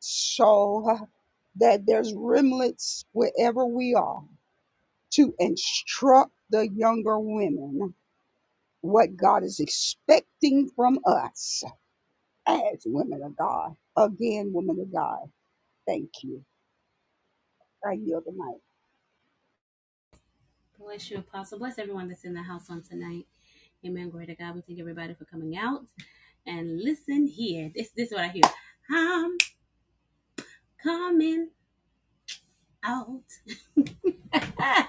Speaker 9: so uh, that there's remnants wherever we are to instruct the younger women what God is expecting from us as women of God. Again, women of God, thank you. I yield the mic.
Speaker 8: Bless you, Apostle. Bless everyone that's in the house on tonight. Amen. Glory to God. We thank everybody for coming out and listen here. This, this is what I hear. I'm coming. out.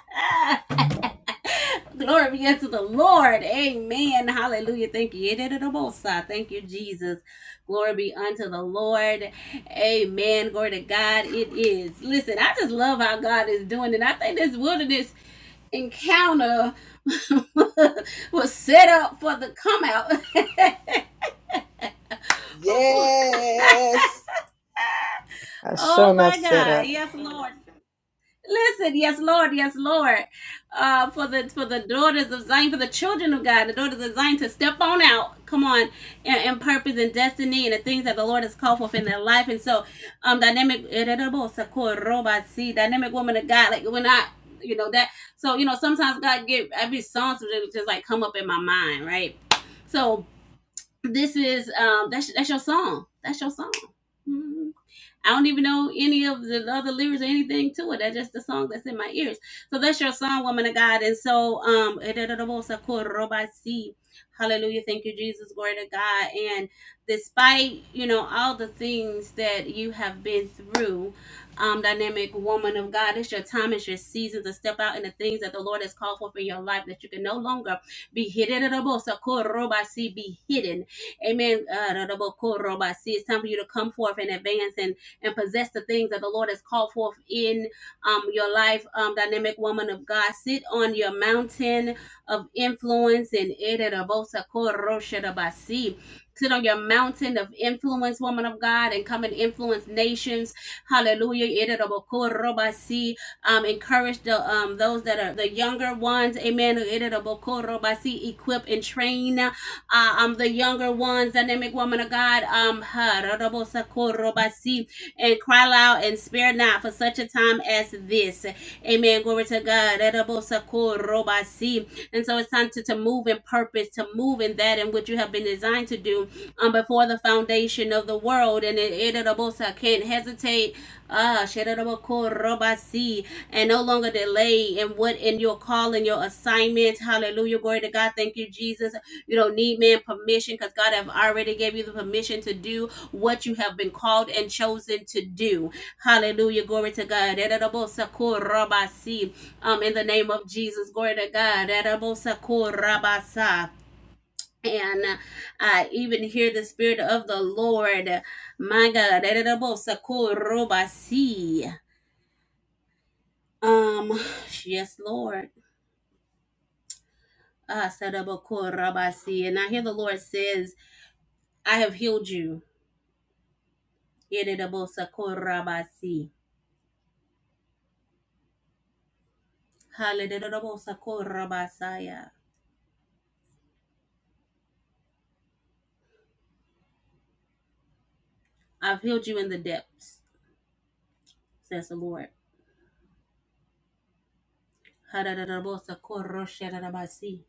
Speaker 8: Glory be unto the Lord. Amen. Hallelujah. Thank you. Yedididabosa. Thank you, Jesus. Glory be unto the Lord. Amen. Glory to God. It is. Listen, I just love how God is doing it. I think this wilderness encounter was set up for the come out.
Speaker 4: Yes.
Speaker 5: That's so
Speaker 8: oh
Speaker 5: enough
Speaker 8: my
Speaker 5: set
Speaker 8: God.
Speaker 5: up.
Speaker 8: Yes, Lord. Listen, yes, Lord, yes, Lord, uh, for the for the daughters of Zion, for the children of God, the daughters of Zion, to step on out, come on, in and purpose and destiny and the things that the Lord has called forth in their life. And so, um, dynamic, dynamic woman of God, like when I, you know that. So you know, sometimes God give every song to really just like come up in my mind, right? So this is um, that's that's your song, that's your song. Mm-hmm. I don't even know any of the other lyrics or anything to it. That's just the song that's in my ears. So that's your song, woman of God. And so, um, hallelujah. Thank you, Jesus. Glory to God. And despite, you know, all the things that you have been through, um, dynamic woman of God, it's your time, it's your season to step out in the things that the Lord has called for in your life that you can no longer be hidden. Be hidden. Amen. Uh, it's time for you to come forth and advance. And and possess the things that the Lord has called forth in um, your life, um, dynamic woman of God. Sit on your mountain of influence and Sit on your mountain of influence, woman of God, and come and influence nations. Hallelujah. Um, encourage the um those that are the younger ones. Amen. Equip and train uh, um the younger ones, dynamic woman of God. Um, and cry loud and spare not for such a time as this. Amen. Glory to God. And so it's time to, to move in purpose, to move in that and what you have been designed to do um, before the foundation of the world. And it edabosa, can't hesitate. Ah, and no longer delay in what in your call and your assignment. Hallelujah. Glory to God God, thank you, Jesus. You don't need man permission because God have already gave you the permission to do what you have been called and chosen to do. Hallelujah. Glory to God. Um, in the name of Jesus, glory to God. And I even hear the Spirit of the Lord. My God. Um, yes, Lord. Ah, And I hear the Lord says, I have healed you. Yedidabosakorabasi. Halididabosakorabasaya. I've healed you in the depths, says the Lord. Hadadadabosakoroshadarabasi.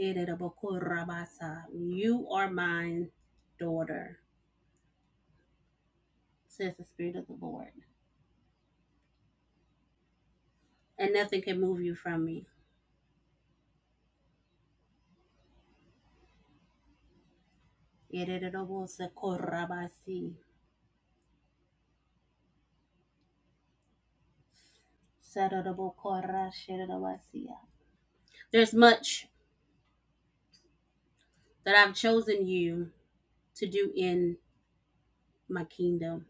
Speaker 8: Yedidabokorabasa. You are mine, daughter, says the Spirit of the Lord. And nothing can move you from me. Yedidabosakorabasi. Sadadabokorashadarabasia. There's much that I've chosen you to do in my kingdom.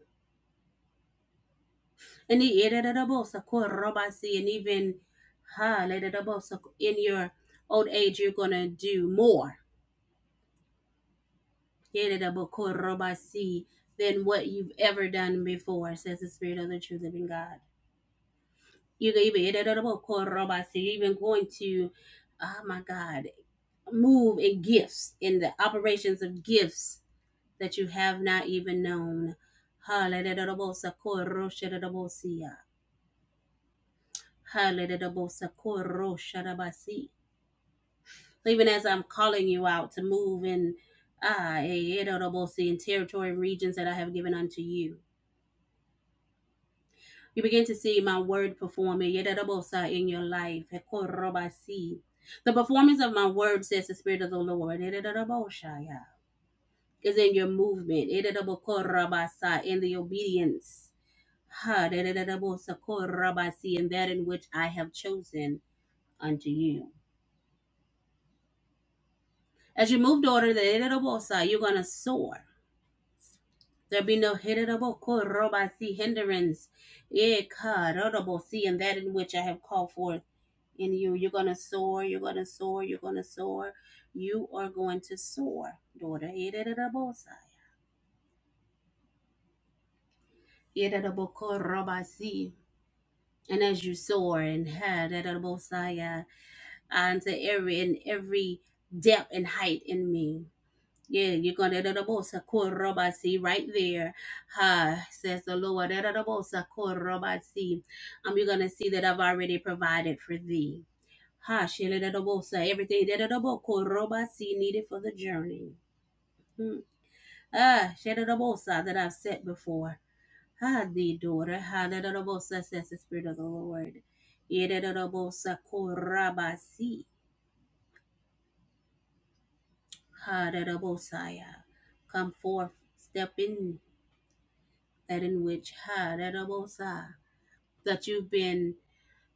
Speaker 8: and he ate it up, so robasi, and even ha later the so in your old age you're gonna do more Ate it so robasi, than what you've ever done before says the spirit of the true living god you can even ate it up, so robasi, you're even going to oh my god move in gifts in the operations of gifts that you have not even known ha later the boss, so called roshadabosia. Hallelujah. So even as I'm calling you out to move in Ah, Yedabosi in territory and regions that I have given unto you, you begin to see my word performing Yedabosa in your life. The performance of my word, says the Spirit of the Lord, is in your movement, in the obedience, Ha, in that in which I have chosen unto you. As you move, daughter, the Yedabosa, you're going to soar. There be no see hindrance. Yea, God, see that in which I have called forth in you. You're gonna soar, you're gonna soar, you're gonna soar. You are going to soar, daughter. Yedidabosai. Yedidabokorobasi. And as you soar and had that, and to every and every depth and height in me. Yeah, you're gonna da- da- bo- sa- si right there. Ha says the Lord. Da- da- da- bo- sa- si. Um, you're gonna see that I've already provided for thee. Ha shele da- da- bo- sa. everything da- da- da- bo- ko- si needed for the journey. Hmm. Ah, shele da- bo- sa, that I've set before. Ha thee, daughter. Ha da- da- da- bo- says the Spirit of the Lord. Yeah, da- da- da- bo- sa, si. Ha da- da- bo- yeah. Come forth, step in. that in which ha da, da, bo, sa, that you've been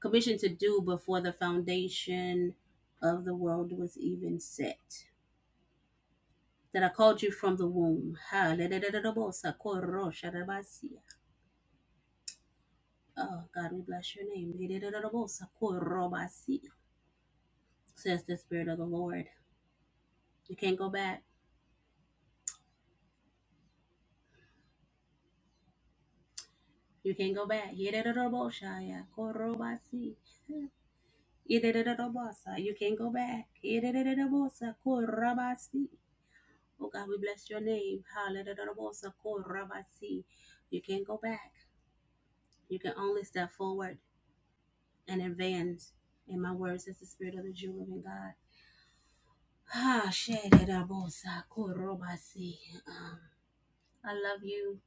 Speaker 8: commissioned to do before the foundation of the world was even set. That I called you from the womb. Ha da, da, da, da, da, bo, sa, ko, ro, sha, da, ba, si. Oh God, we bless your name. Da, da, da, da, bo, sa, ko, ro, ba, si, Says the Spirit of the Lord. You can't go back. You can't go back. Ye, da, da, da, bo, si. You can't go back. si. Oh God, we bless your name. Hallelujah. Korabasi. You can't go back. You can only step forward and advance. In my words, as the spirit of the Jew living God. Ah, shederabosa korobasi. Um, I love you,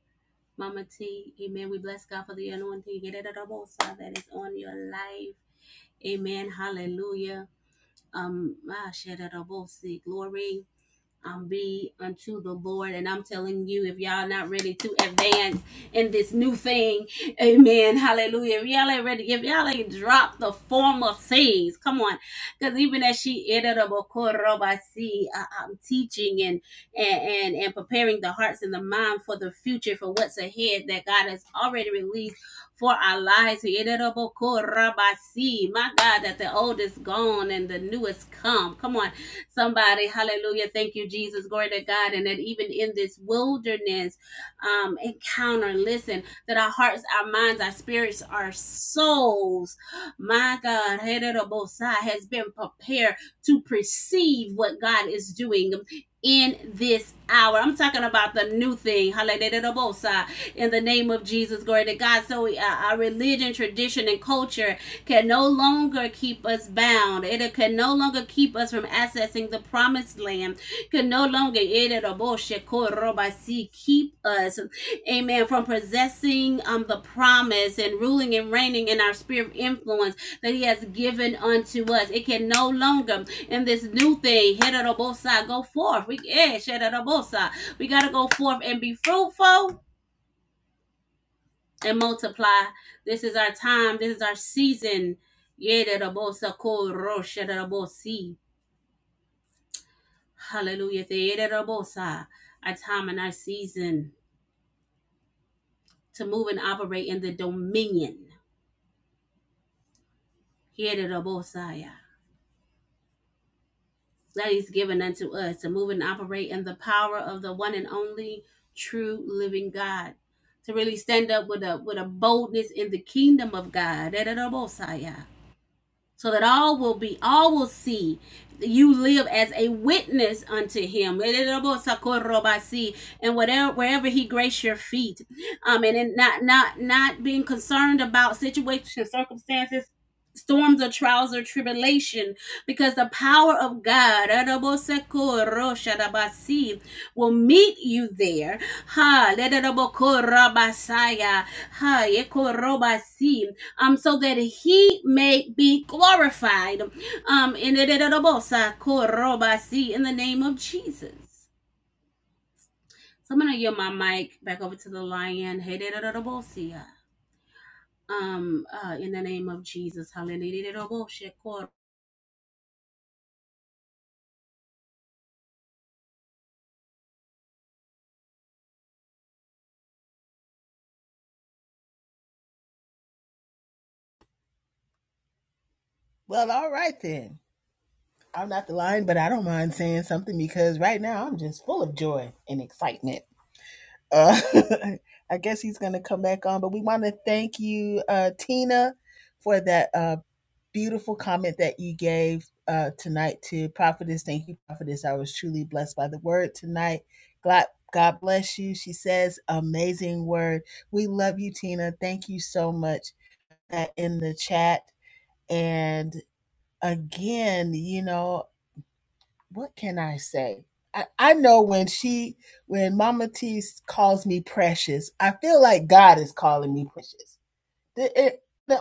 Speaker 8: Mama T. Amen. We bless God for the anointing yederabosa, that is on your life. Amen. Hallelujah. Um, ah, shederabosi. glory. um, be unto the Lord. And I'm telling you, if y'all not ready to advance in this new thing, amen, hallelujah. If y'all ain't ready, if y'all ain't dropped the former things, come on. Because even as she ended up a quarter I see uh, um, teaching and, and, and, and preparing the hearts and the mind for the future, for what's ahead that God has already released for our lives. He ended up a quarter My God, that the old is gone and the new is come. Come on Somebody, hallelujah. Thank you, Jesus. Glory to God. And that even in this wilderness um, encounter, listen, that our hearts, our minds, our spirits, our souls, my God, has been prepared to perceive what God is doing in this hour. I'm talking about the new thing. Hallelujah. In the name of Jesus, glory to God. So uh, our religion, tradition, and culture can no longer keep us bound. It can no longer keep us from accessing the promised land. Can no longer keep us, amen, from possessing um, the promise and ruling and reigning in our sphere of influence that He has given unto us. It can no longer, in this new thing, go forth. We, eh, we got to go forth and be fruitful and multiply. This is our time. This is our season. Yederabosa korosha derabosi. Hallelujah. Our time and our season to move and operate in the dominion. Yederabosaya. That is given unto us to move and operate in the power of the one and only true living God. To really stand up with a with a boldness in the kingdom of God. so that all will be all will see you live as a witness unto him and whatever wherever he grace your feet um and in not not not being concerned about situations circumstances storms or trials or tribulation because the power of god will meet you there ha um, so that he may be glorified. Um, in the name of Jesus. So I'm gonna yield my mic back over to the lion. Um, uh, in the name of Jesus, hallelujah.
Speaker 4: Well, all right then. I'm not the line, but I don't mind saying something because right now I'm just full of joy and excitement. Uh, I guess he's going to come back on, but we want to thank you, uh, Tina, for that. uh, beautiful comment that you gave uh, tonight to Prophetess. Thank you, Prophetess. I was truly blessed by the word tonight. God, God bless you. She says, amazing word. We love you, Tina. Thank you so much uh, in the chat. And again, you know, what can I say? I, I know when she, when Mama T calls me precious, I feel like God is calling me precious the, the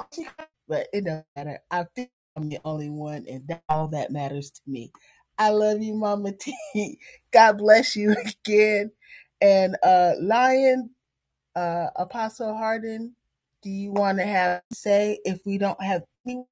Speaker 4: but it doesn't matter. I think I'm the only one, and that all that matters to me. I love you, Mama T. God bless you again. And uh Lion, uh Apostle Harden, do you want to have say if we don't have any?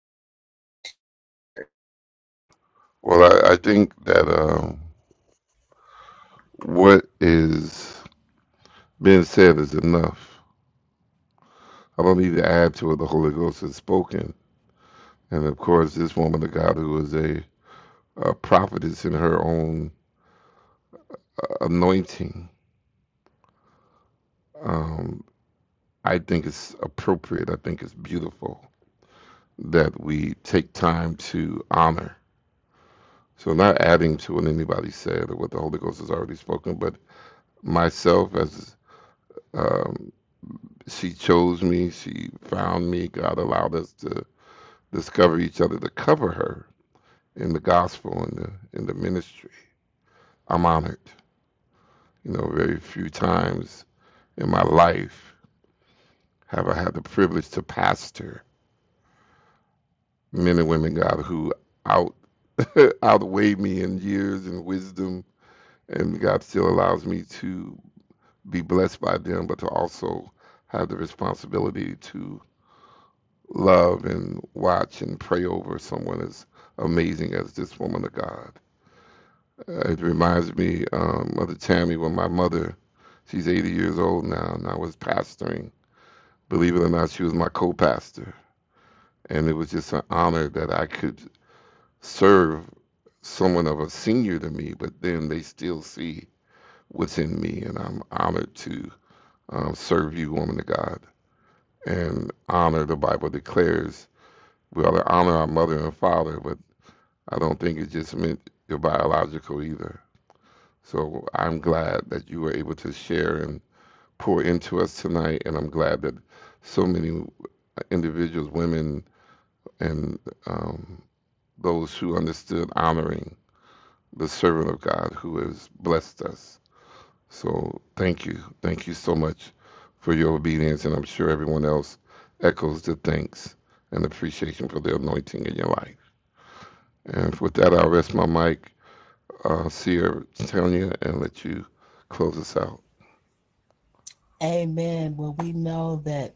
Speaker 4: Amen. Well, we know that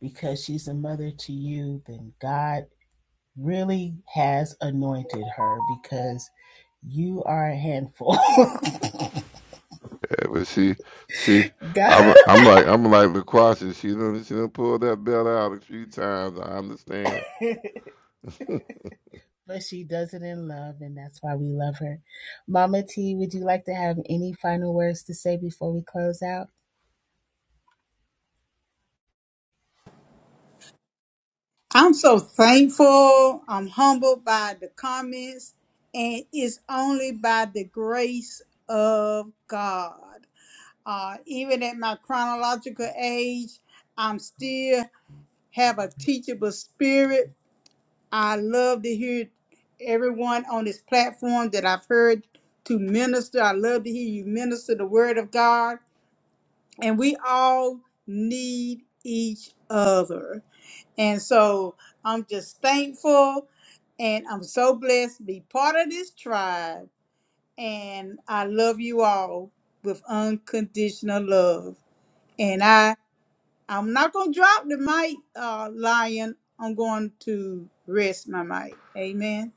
Speaker 4: because she's a mother to you, then God really has anointed her because you are a handful. God But she does it in love, and that's why we love her. Mama T, would you like to have any final words to say before we close out?
Speaker 3: I'm so thankful. I'm humbled by the comments, and it's only by the grace of God. Uh, even at my chronological age, I'm still have a teachable spirit I love to hear everyone on this platform that I've heard to minister. I love to hear you minister the word of God. And we all need each other. And so I'm just thankful and I'm so blessed to be part of this tribe. And I love you all with unconditional love. And I I'm not gonna drop the mic, uh, Lion. I'm going to rest my mic. Amen.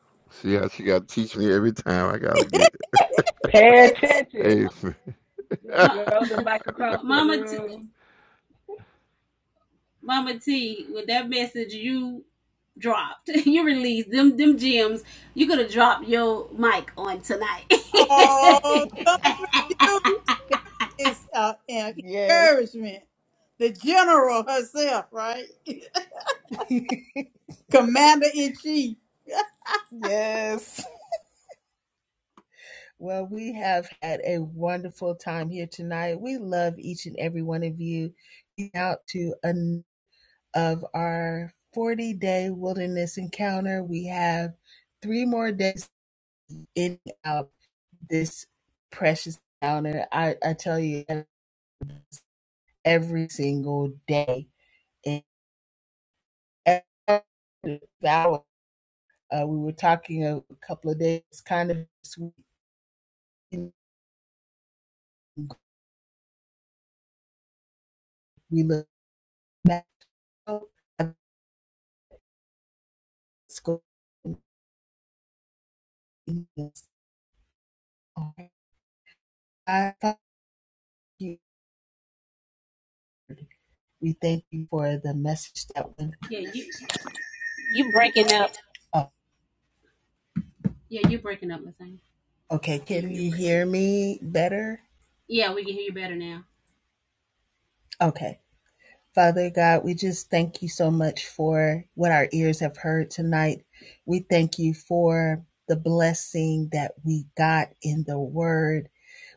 Speaker 4: Pay attention.
Speaker 8: Ma- ma-
Speaker 4: You are on the mic across the
Speaker 8: Mama, T,
Speaker 4: room.
Speaker 8: Mama T, with that message you dropped, you released them them gems. You could have dropped your mic on tonight.
Speaker 3: Oh, curfew is uh, an
Speaker 4: Yes.
Speaker 3: encouragement. The general herself, right? Commander in chief.
Speaker 4: yes. Well, we have had a wonderful time here tonight. We love each and every one of you. Out to an of our 40 day wilderness encounter. We have three more days in out this precious calendar. I, I tell you every single day. And every hour, uh, we were talking a, a couple of days, kind of this week, we look back. oh, I thank you. We thank you for the message that went
Speaker 8: yeah, you
Speaker 2: You
Speaker 8: you breaking
Speaker 2: breaking
Speaker 8: up.
Speaker 2: up?
Speaker 4: up.
Speaker 8: Yeah, you're breaking up, Lasagna.
Speaker 4: Okay,
Speaker 8: Sierra,
Speaker 4: can
Speaker 8: you're
Speaker 4: you
Speaker 8: breaking
Speaker 4: hear
Speaker 8: up.
Speaker 4: me better?
Speaker 8: Yeah, we can hear you better now.
Speaker 4: Okay. Father God, we just thank you so much for what our ears have heard tonight. We thank you for the blessing that we got in the word.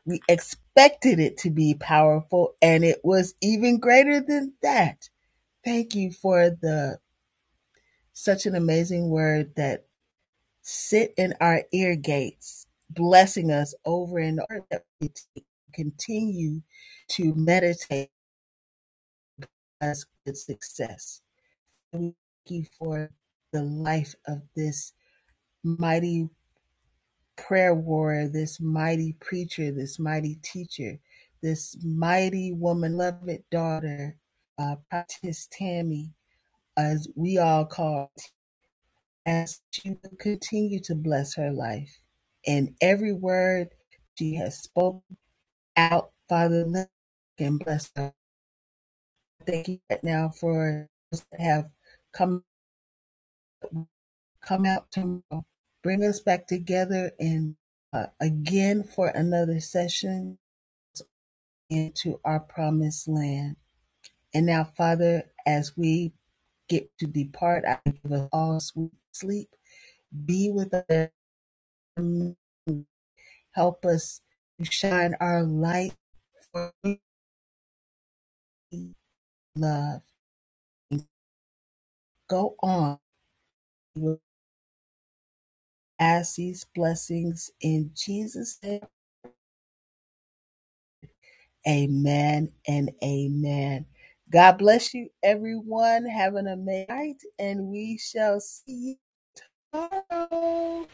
Speaker 4: We expected it to be powerful and it was even greater than that. Thank you for the such an amazing word that sit in our ear gates, blessing us over and over that we continue to meditate us with success. thank you for the life of this mighty prayer warrior, this mighty preacher, this mighty teacher, this mighty woman, beloved daughter, uh, Prophetess Tammy, as we all call, her, as you continue to bless her life. And every word she has spoken out, Father, and bless her. Thank you right now for those that have come come out tomorrow. Bring us back together and uh, again for another session into our promised land. And now, Father, as we get to depart, I give us all sweet sleep. Be with us. Help us to shine our light for love. Go on. We ask these blessings in Jesus' name. Amen and amen. God bless you, everyone. Have an amazing night, and we shall see you tomorrow.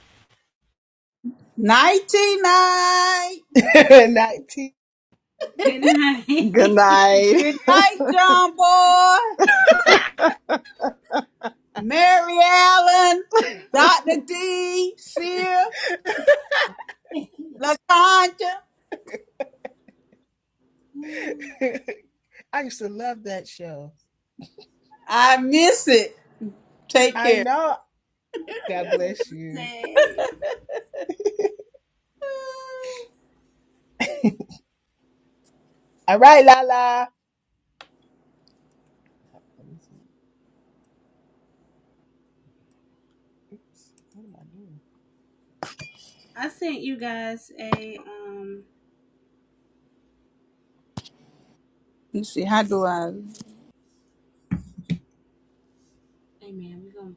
Speaker 3: Nighty night.
Speaker 4: 19.
Speaker 8: Good
Speaker 5: Good
Speaker 8: night.
Speaker 5: night.
Speaker 3: Good night, John Boy, Mary Allen, Dr. D, Sear, LaConcha.
Speaker 8: Ooh,
Speaker 4: I used to love that show.
Speaker 3: I miss it. Take
Speaker 4: I
Speaker 3: care.
Speaker 4: know. God bless you.
Speaker 8: Say,
Speaker 4: All right, Lala. Let me see. Oops, what am I doing?
Speaker 8: I sent you guys a um.
Speaker 3: Let's see, how do I?
Speaker 8: Hey man, we gonna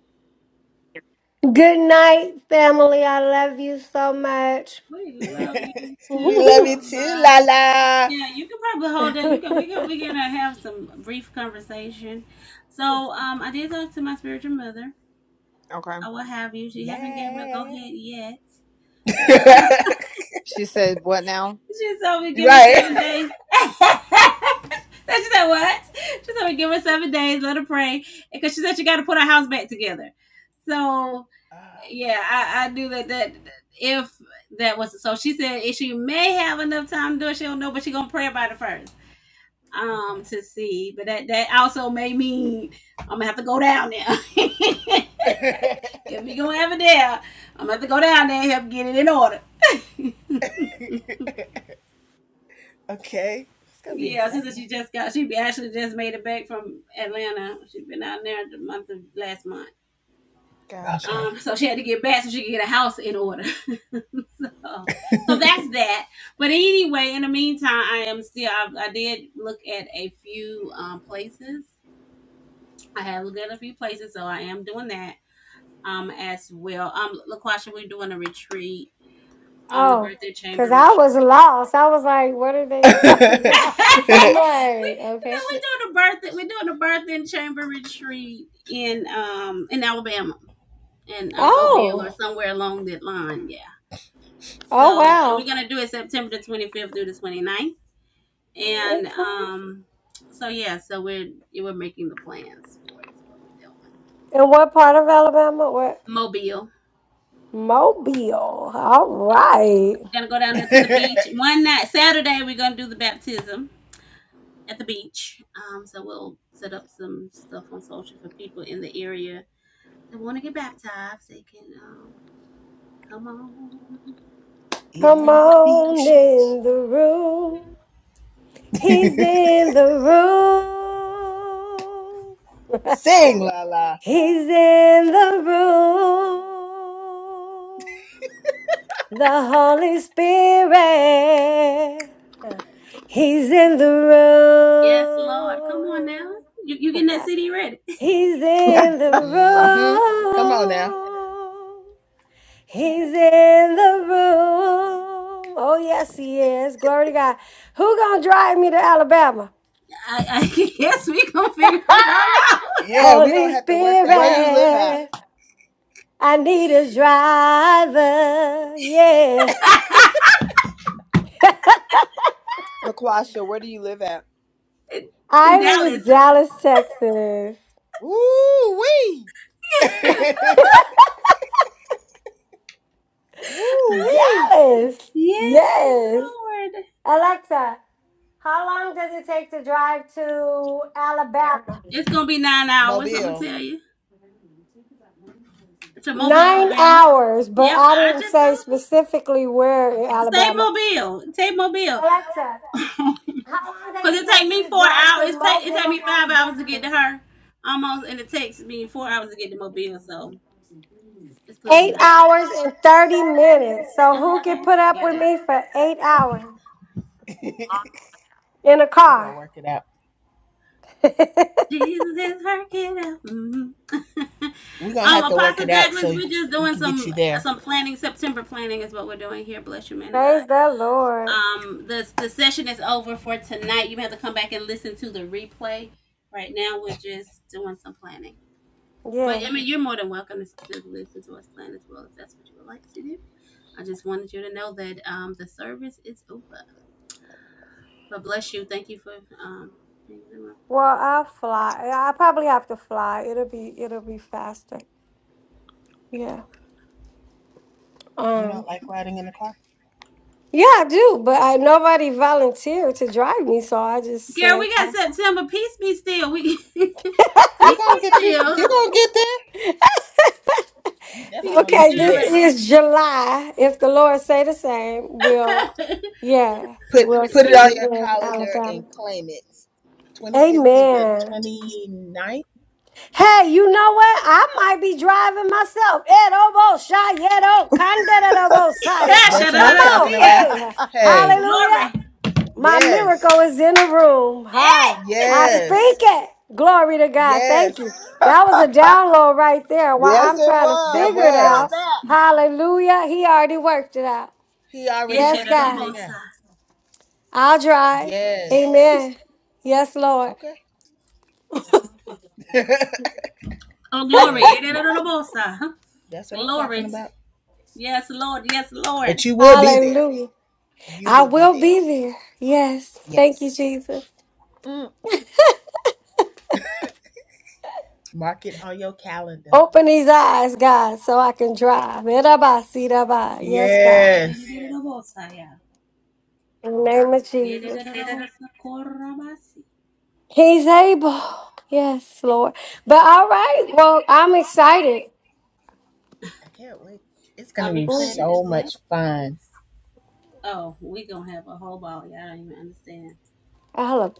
Speaker 6: Good night, family. I love you so much.
Speaker 8: we love you
Speaker 4: we
Speaker 8: too
Speaker 4: love
Speaker 8: so
Speaker 4: you too,
Speaker 8: much.
Speaker 4: Lala.
Speaker 8: Yeah, you can probably hold that. You can we can we gonna have some brief conversation. So um, I did talk to my spiritual mother.
Speaker 5: Okay,
Speaker 8: I will have you. She haven't gave me a go
Speaker 4: Yeah.
Speaker 8: ahead yet.
Speaker 5: She said, What now?
Speaker 8: She told me give her
Speaker 4: right.
Speaker 8: seven days. she said what? She told me give her seven days, let her pray, because she said she got to put her house back together. So
Speaker 4: Ah,
Speaker 8: yeah, I, I knew that that if that was so, she said if she may have enough time to do it, she don't know, but she gonna pray about it first um to see but that that also may mean i'm gonna have to go down there
Speaker 4: okay.
Speaker 8: if we gonna have it there i'm gonna have to go down there and help get it in order
Speaker 4: okay. It's gonna be
Speaker 8: Yeah, she said
Speaker 4: exciting.
Speaker 8: she just got. She actually just made it back from Atlanta. She's been out there the month of last month.
Speaker 5: gotcha.
Speaker 4: Okay.
Speaker 8: Um, so she had to get back so she could get a house in order. so, so that's that. But anyway, in the meantime, I am still. I, I did look at a few um places. I have looked at a few places, so I am doing that um as well. Um, LaQuasha, we're doing a retreat. Um, the
Speaker 6: oh,
Speaker 8: birthday chamber
Speaker 6: because
Speaker 8: retreat.
Speaker 6: I was lost. I was like, what are they talking about? I'm
Speaker 8: we
Speaker 6: like,
Speaker 8: no,
Speaker 6: okay.
Speaker 8: we're doing a birth we're doing a birth and chamber retreat in um in Alabama in uh, Mobile or
Speaker 6: oh,
Speaker 8: somewhere along that line. Yeah.
Speaker 6: Oh,
Speaker 8: So and we're
Speaker 6: wow.
Speaker 8: gonna do it September the 25th through the 29th. And
Speaker 6: okay.
Speaker 8: um so yeah, so we're yeah, we're making the plans for it. Is what we're doing.
Speaker 6: And what part of Alabama? What?
Speaker 8: Mobile.
Speaker 6: Mobile. All right.
Speaker 8: We're gonna go down there to the beach one night. Saturday we're gonna do the baptism at the beach. Um, so we'll set up some stuff on social for people in the area that want to get baptized, they can um, come on. and
Speaker 6: Come
Speaker 8: take-
Speaker 4: In the
Speaker 6: on
Speaker 4: beach.
Speaker 6: in the room. He's in the room.
Speaker 4: Sing la la.
Speaker 6: He's in the room. The Holy Spirit. He's in the
Speaker 8: yes, Lord,
Speaker 6: room.
Speaker 8: come on now. You you getting that CD ready?
Speaker 6: He's in the
Speaker 4: Mm-hmm. Come on now.
Speaker 6: room.
Speaker 8: Shut up.
Speaker 6: He's in the room. Oh yes, he is. Glory to God. Who gonna drive me to Alabama?
Speaker 8: I, I yes, we gonna figure it all
Speaker 4: Yeah, we're
Speaker 6: Holy
Speaker 4: gonna have to work that
Speaker 5: Where you
Speaker 4: out.
Speaker 5: live at?
Speaker 6: Spirit, I need a driver. Yeah.
Speaker 8: out
Speaker 5: LaQuasha, where do you live at?
Speaker 8: in, in
Speaker 6: I live in
Speaker 8: Dallas.
Speaker 6: Dallas, Texas.
Speaker 5: Woo wee, woo wee.
Speaker 6: Dallas.
Speaker 8: Yes,
Speaker 6: Yes.
Speaker 8: Lord.
Speaker 6: Alexa, how long does it take to drive to Alabama?
Speaker 8: It's gonna be nine hours. I'm gonna
Speaker 4: Mobile.
Speaker 8: tell you to Mobile,
Speaker 6: Nine
Speaker 8: Alabama.
Speaker 6: hours, but
Speaker 8: Yep,
Speaker 6: I
Speaker 8: I
Speaker 6: didn't
Speaker 8: just
Speaker 6: say
Speaker 8: told
Speaker 6: specifically where in
Speaker 8: you. Say
Speaker 6: Alabama.
Speaker 8: Mobile, say Mobile,
Speaker 6: Alexa,
Speaker 8: cause
Speaker 6: how long does it
Speaker 8: it take
Speaker 6: take
Speaker 8: me
Speaker 6: to
Speaker 8: four
Speaker 6: drive to
Speaker 8: hours. It take it take
Speaker 6: Mobile,
Speaker 8: me five hours to get
Speaker 6: Alabama?
Speaker 8: to her, almost, and it takes me four hours to get to Mobile. So It's gonna be
Speaker 6: Eight
Speaker 8: nice.
Speaker 6: hours and 30 minutes. So who
Speaker 8: Okay. So
Speaker 6: can put up with me for eight hours
Speaker 4: we're
Speaker 6: in a
Speaker 4: gonna
Speaker 6: car?
Speaker 4: work it out.
Speaker 6: Praise
Speaker 8: with me for Jesus is her kiddo. Mhm.
Speaker 4: We're gonna
Speaker 8: um,
Speaker 4: have to work it
Speaker 8: Apostle
Speaker 4: out
Speaker 8: Douglas,
Speaker 4: so
Speaker 8: we're just
Speaker 4: we
Speaker 8: doing
Speaker 4: can get
Speaker 8: some
Speaker 4: you there.
Speaker 8: some planning. September planning is what we're doing here. Bless you, man of God.
Speaker 6: the Lord.
Speaker 8: Um, the the session is over for tonight. You have to come back and listen to the replay. Right now, we're just doing some planning. But
Speaker 6: Yeah.
Speaker 8: I mean, you're more than welcome to, to listen to us plan as well if that's what you would like to do. I just wanted you to know that um, the service is over. But bless you. Thank you for um being in the room.
Speaker 6: Well, I'll fly. I probably have to fly. It'll be it'll be faster. Yeah.
Speaker 4: You
Speaker 6: Um.
Speaker 4: don't like riding in the car?
Speaker 6: Yeah, I do, but I, nobody volunteered to drive me, so I just
Speaker 8: Girl,
Speaker 6: said,
Speaker 8: we got
Speaker 6: I-
Speaker 8: September. Peace be still. We peace be
Speaker 4: We're gonna get you
Speaker 8: still.
Speaker 4: you're gonna get there. We definitely
Speaker 8: Peace
Speaker 4: gonna
Speaker 8: be
Speaker 6: "Okay,
Speaker 4: get you
Speaker 8: still
Speaker 6: this
Speaker 4: there.
Speaker 8: right now.
Speaker 6: is July. If the Lord say the same, we'll yeah,
Speaker 4: Put
Speaker 6: we'll
Speaker 4: put it
Speaker 6: see
Speaker 4: on
Speaker 6: you
Speaker 4: your
Speaker 6: in
Speaker 4: calendar
Speaker 6: Alabama."
Speaker 4: and claim it. 25th through the
Speaker 6: Amen.
Speaker 4: twenty ninth.
Speaker 6: Hey, you know what? I might be driving myself. Edobo shayedo kandedobo saya.
Speaker 8: Gosh, I
Speaker 4: That's what
Speaker 8: don't
Speaker 6: Come
Speaker 8: know,
Speaker 4: I'm
Speaker 8: I
Speaker 6: on.
Speaker 4: talking
Speaker 8: see ya.
Speaker 4: about.
Speaker 6: Hey,
Speaker 4: Hey,
Speaker 6: hallelujah.
Speaker 8: Glory.
Speaker 6: My
Speaker 4: yes,
Speaker 6: miracle is in the room. Hi. I speak
Speaker 4: yes,
Speaker 6: it. Glory to God. Thank
Speaker 4: yes,
Speaker 6: you. That was a download right there while
Speaker 5: Yes,
Speaker 6: I'm
Speaker 5: it
Speaker 6: trying to
Speaker 4: that
Speaker 5: was.
Speaker 6: figure
Speaker 5: You
Speaker 6: it
Speaker 5: felt
Speaker 6: out.
Speaker 4: was.
Speaker 6: Hallelujah. He already worked it out.
Speaker 4: He already
Speaker 6: Yes,
Speaker 4: worked that
Speaker 6: God.
Speaker 4: thing out.
Speaker 8: Echidorobosa.
Speaker 6: I'll drive.
Speaker 4: Yes.
Speaker 6: Amen. Yes, Lord.
Speaker 4: Okay.
Speaker 8: Oh, glory.
Speaker 4: hey,
Speaker 8: Echidorobosa.
Speaker 4: that's what I'm talking
Speaker 8: Glory.
Speaker 4: about.
Speaker 8: Yes, Lord. Yes, Lord.
Speaker 4: But you will be there.
Speaker 6: Hallelujah.
Speaker 4: You
Speaker 6: I
Speaker 4: will be
Speaker 6: will
Speaker 4: there.
Speaker 6: be there. Yes. Thank you,
Speaker 4: Yes.
Speaker 6: Jesus.
Speaker 5: that. Mm.
Speaker 4: Mark it on your calendar.
Speaker 6: Open these eyes, God, so I can drive. Iraba, siraba. Yes, God.
Speaker 8: Yeah,
Speaker 4: Yes.
Speaker 8: Echidorobosa, yeah.
Speaker 6: In the name of
Speaker 4: Yes.
Speaker 8: Yeah,
Speaker 6: Jesus.
Speaker 8: Echidorobosa, korabasi.
Speaker 6: He's able. Yes, Lord. But all right. Well, I'm excited.
Speaker 4: I can't wait. It's going to
Speaker 8: I'm
Speaker 4: be
Speaker 8: excited
Speaker 6: Mm.
Speaker 8: as
Speaker 4: so
Speaker 8: well.
Speaker 4: much fun.
Speaker 8: Oh, we gonna have a whole ball. Y'all don't even understand.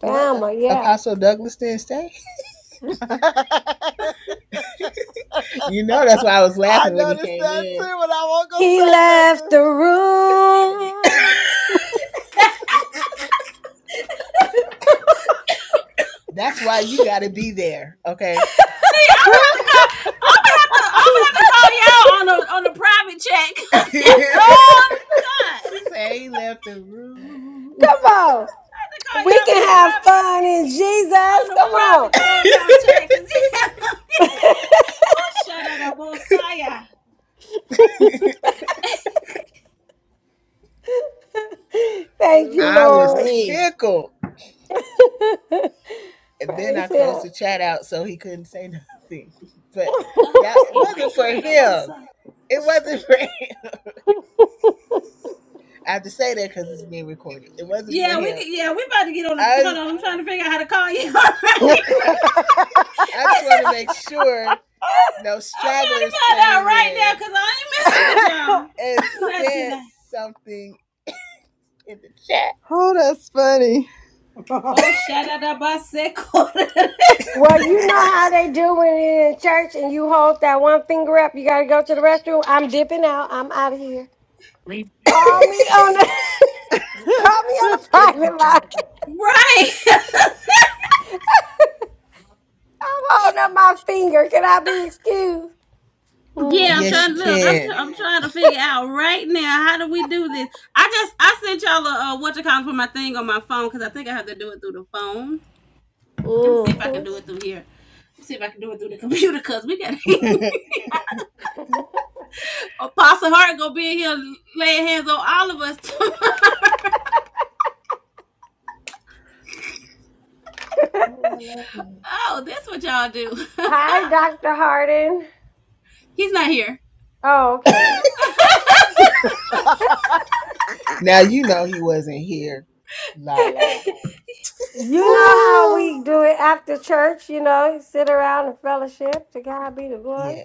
Speaker 4: What?
Speaker 6: yeah.
Speaker 4: Apostle Douglas didn't stay? you know, that's why I was
Speaker 5: I
Speaker 4: laughing when he
Speaker 5: noticed
Speaker 4: came
Speaker 5: that
Speaker 4: in.
Speaker 5: too, and I won't go
Speaker 6: He
Speaker 5: say
Speaker 6: left
Speaker 5: nothing.
Speaker 6: the room.
Speaker 4: That's why you got to be there, okay?
Speaker 8: See, I would have to call. I would have to. I would have to call y'all on a on a private check.
Speaker 4: she
Speaker 8: oh God,
Speaker 4: said he left the room.
Speaker 6: Come on.
Speaker 8: I have to call
Speaker 6: We
Speaker 8: y'all
Speaker 6: can
Speaker 8: on the
Speaker 6: have
Speaker 8: private
Speaker 6: fun in
Speaker 8: on
Speaker 6: Jesus.
Speaker 8: the
Speaker 6: Come on.
Speaker 8: private clubhouse chat. Cause yeah. oh, shut up, Bosaya.
Speaker 6: Thank
Speaker 5: Too
Speaker 6: you,
Speaker 4: I was
Speaker 6: Lord.
Speaker 5: funny.
Speaker 4: tickled. And then I
Speaker 6: Praise
Speaker 4: closed
Speaker 6: Him.
Speaker 4: the chat out so he couldn't say nothing. But
Speaker 8: Oh,
Speaker 4: that
Speaker 8: oh,
Speaker 4: wasn't for
Speaker 8: shut up,
Speaker 4: him.
Speaker 8: Bosaya.
Speaker 4: It wasn't for him. I have to say that because it's being recorded. It wasn't for
Speaker 8: Yeah, we
Speaker 4: him.
Speaker 8: could. Yeah, we about to get on. A, hold
Speaker 4: I
Speaker 8: on,
Speaker 4: was-
Speaker 8: I'm trying to figure out how to call you.
Speaker 4: I just want to make sure no
Speaker 8: I'm trying to
Speaker 4: stragglers
Speaker 8: find out
Speaker 4: came
Speaker 8: right now
Speaker 4: in
Speaker 8: because I ain't messing
Speaker 4: and,
Speaker 8: with
Speaker 4: and
Speaker 8: y'all. Not
Speaker 4: said
Speaker 8: tonight.
Speaker 4: something in the chat.
Speaker 5: Oh, that's funny.
Speaker 8: Oh, shut up, Bosaya.
Speaker 6: Well, you know how they do when you're in church and you hold that one finger up. You gotta go to the restroom. I'm dipping out. I'm out of here. Call me on the call me on the private line.
Speaker 8: Right.
Speaker 6: I'm holding up my finger. Can I be excused?
Speaker 8: yeah, I'm
Speaker 6: Mhm.
Speaker 4: Yes,
Speaker 8: trying
Speaker 4: you
Speaker 8: to look. I'm,
Speaker 4: can.
Speaker 8: I'm trying to figure out right now how do we do this. I just I sent y'all a uh, what you call for my thing on my phone because I think I have to do it through the phone. Let me see if I can
Speaker 6: Mhm.
Speaker 8: do it
Speaker 4: pregnancy.
Speaker 8: through here. Let me see if I can do it through the computer because we got Apostle Hart gonna be in here laying hands on all of us.
Speaker 4: Ooh, I love him.
Speaker 8: oh, that's what y'all do.
Speaker 6: Hi, Doctor Harden.
Speaker 8: He's not here.
Speaker 6: Oh, okay.
Speaker 4: Now you know he wasn't here, la la.
Speaker 8: Who
Speaker 6: You know
Speaker 8: the-
Speaker 6: how we do it after church. You know, sit around and fellowship. To God be the glory.
Speaker 4: Yeah,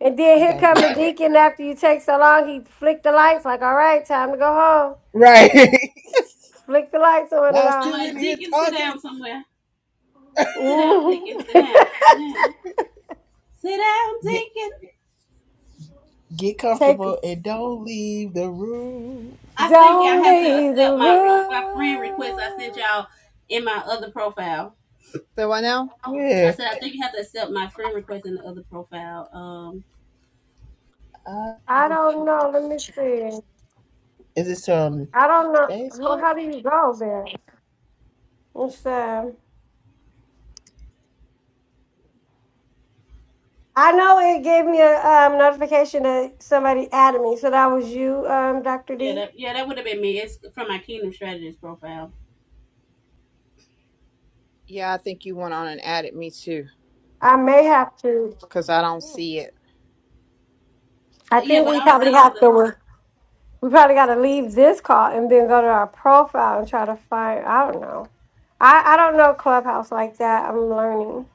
Speaker 6: And then
Speaker 4: he
Speaker 6: here
Speaker 4: don't
Speaker 6: come
Speaker 4: do
Speaker 6: the
Speaker 4: that,
Speaker 6: deacon after you take so long, he flicked the lights, like, all right, time to go home.
Speaker 4: right?
Speaker 6: Flick the lights on and
Speaker 4: Y'all
Speaker 8: they
Speaker 6: off.
Speaker 4: still in
Speaker 8: like
Speaker 4: here
Speaker 8: Deacon, sit
Speaker 4: talking?
Speaker 8: down somewhere. Sit down,
Speaker 6: Mhm.
Speaker 8: Deacon. Sit down. Sit down. Sit down,
Speaker 4: Get
Speaker 8: Deacon.
Speaker 4: get
Speaker 6: take
Speaker 4: comfortable and don't leave the room.
Speaker 8: I think I
Speaker 6: don't
Speaker 8: have to
Speaker 6: leave the
Speaker 8: accept my re-
Speaker 6: room.
Speaker 8: my friend request I sent y'all in my other profile.
Speaker 5: so what now?
Speaker 8: I
Speaker 4: Yeah,
Speaker 8: said I think you have to accept my friend request in the other profile. Um,
Speaker 4: uh,
Speaker 6: I don't know. Let me see.
Speaker 4: is this on
Speaker 6: I don't know. Well,
Speaker 4: Facebook?
Speaker 6: How do you go there? It's um I know it gave me a um, notification that somebody added me. So that was you, um, Dr.
Speaker 8: yeah,
Speaker 6: D.
Speaker 8: that yeah that would have been me. It's from my Kingdom Strategist profile.
Speaker 5: Yeah, I think you went on and added me too.
Speaker 6: I may have to.
Speaker 5: because I don't see it.
Speaker 6: I
Speaker 8: Yeah,
Speaker 6: think
Speaker 8: but
Speaker 6: we
Speaker 8: I don't
Speaker 6: probably
Speaker 8: see you on
Speaker 6: have
Speaker 8: the.
Speaker 6: to. We probably got to leave this call and then go to our profile and try to find. I don't know. I I don't know Clubhouse like that. I'm learning.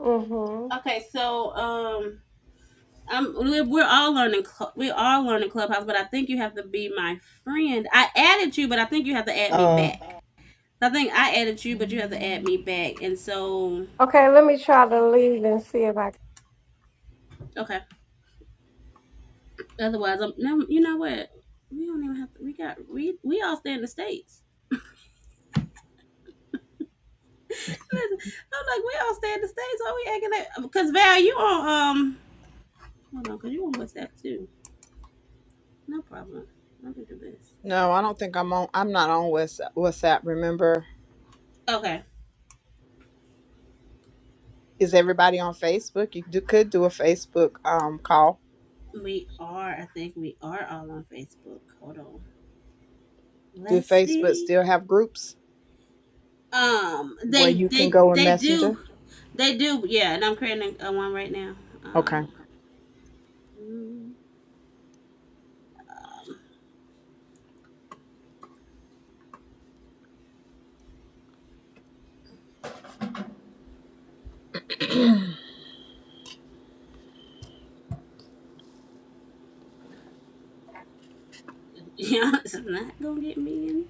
Speaker 6: Mhm.
Speaker 8: Okay, so um, I'm we're all learning we are learning Clubhouse, but I think you have to be my friend. I added you, but I think you have to add me
Speaker 4: Uh,
Speaker 8: back. I think I added you, but you have to add me back, and so.
Speaker 6: Okay, let me try to leave and see if I
Speaker 8: okay. Otherwise, I'm now. You know what? We don't even have to. We got we we all stay in the states. Listen, I'm like we all stay in the states. Why we acting like? Because Val, you on um. Hold on, cause you on WhatsApp too. No problem. Let me do this.
Speaker 5: No, I don't think I'm on. I'm not on Whats- WhatsApp. Remember,
Speaker 8: Okay,
Speaker 5: is everybody on Facebook? You do, could do a Facebook um call.
Speaker 8: we are. I think we are all on Facebook. Hold on.
Speaker 5: Do
Speaker 8: Let's
Speaker 5: Facebook
Speaker 8: see.
Speaker 5: still have groups
Speaker 8: Um,
Speaker 5: where
Speaker 8: they
Speaker 5: you can
Speaker 8: they
Speaker 5: go in
Speaker 8: they do
Speaker 5: Messenger?
Speaker 8: they do yeah, and I'm creating a one right now. Um,
Speaker 5: Okay.
Speaker 8: mm, um, yeah, it's not gonna get me in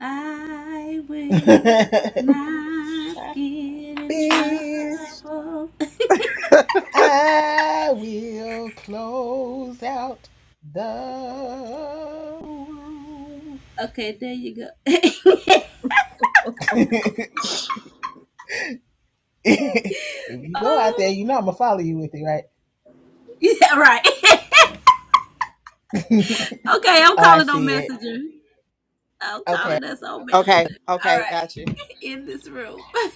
Speaker 8: I will not
Speaker 4: I
Speaker 8: get in
Speaker 4: bitch,
Speaker 8: trouble.
Speaker 4: I will close out the room.
Speaker 8: Okay, there you go.
Speaker 4: if you go out there,
Speaker 8: oh,
Speaker 4: you know I'm gonna follow you with it, right?
Speaker 8: yeah, right. Okay, I'm
Speaker 4: oh, I
Speaker 8: calling on
Speaker 4: see it.
Speaker 8: Messenger. I'm
Speaker 4: Okay.
Speaker 8: calling us on
Speaker 5: Okay.
Speaker 8: Messenger. All
Speaker 5: Okay.
Speaker 8: right,
Speaker 5: Got you.
Speaker 8: in this room.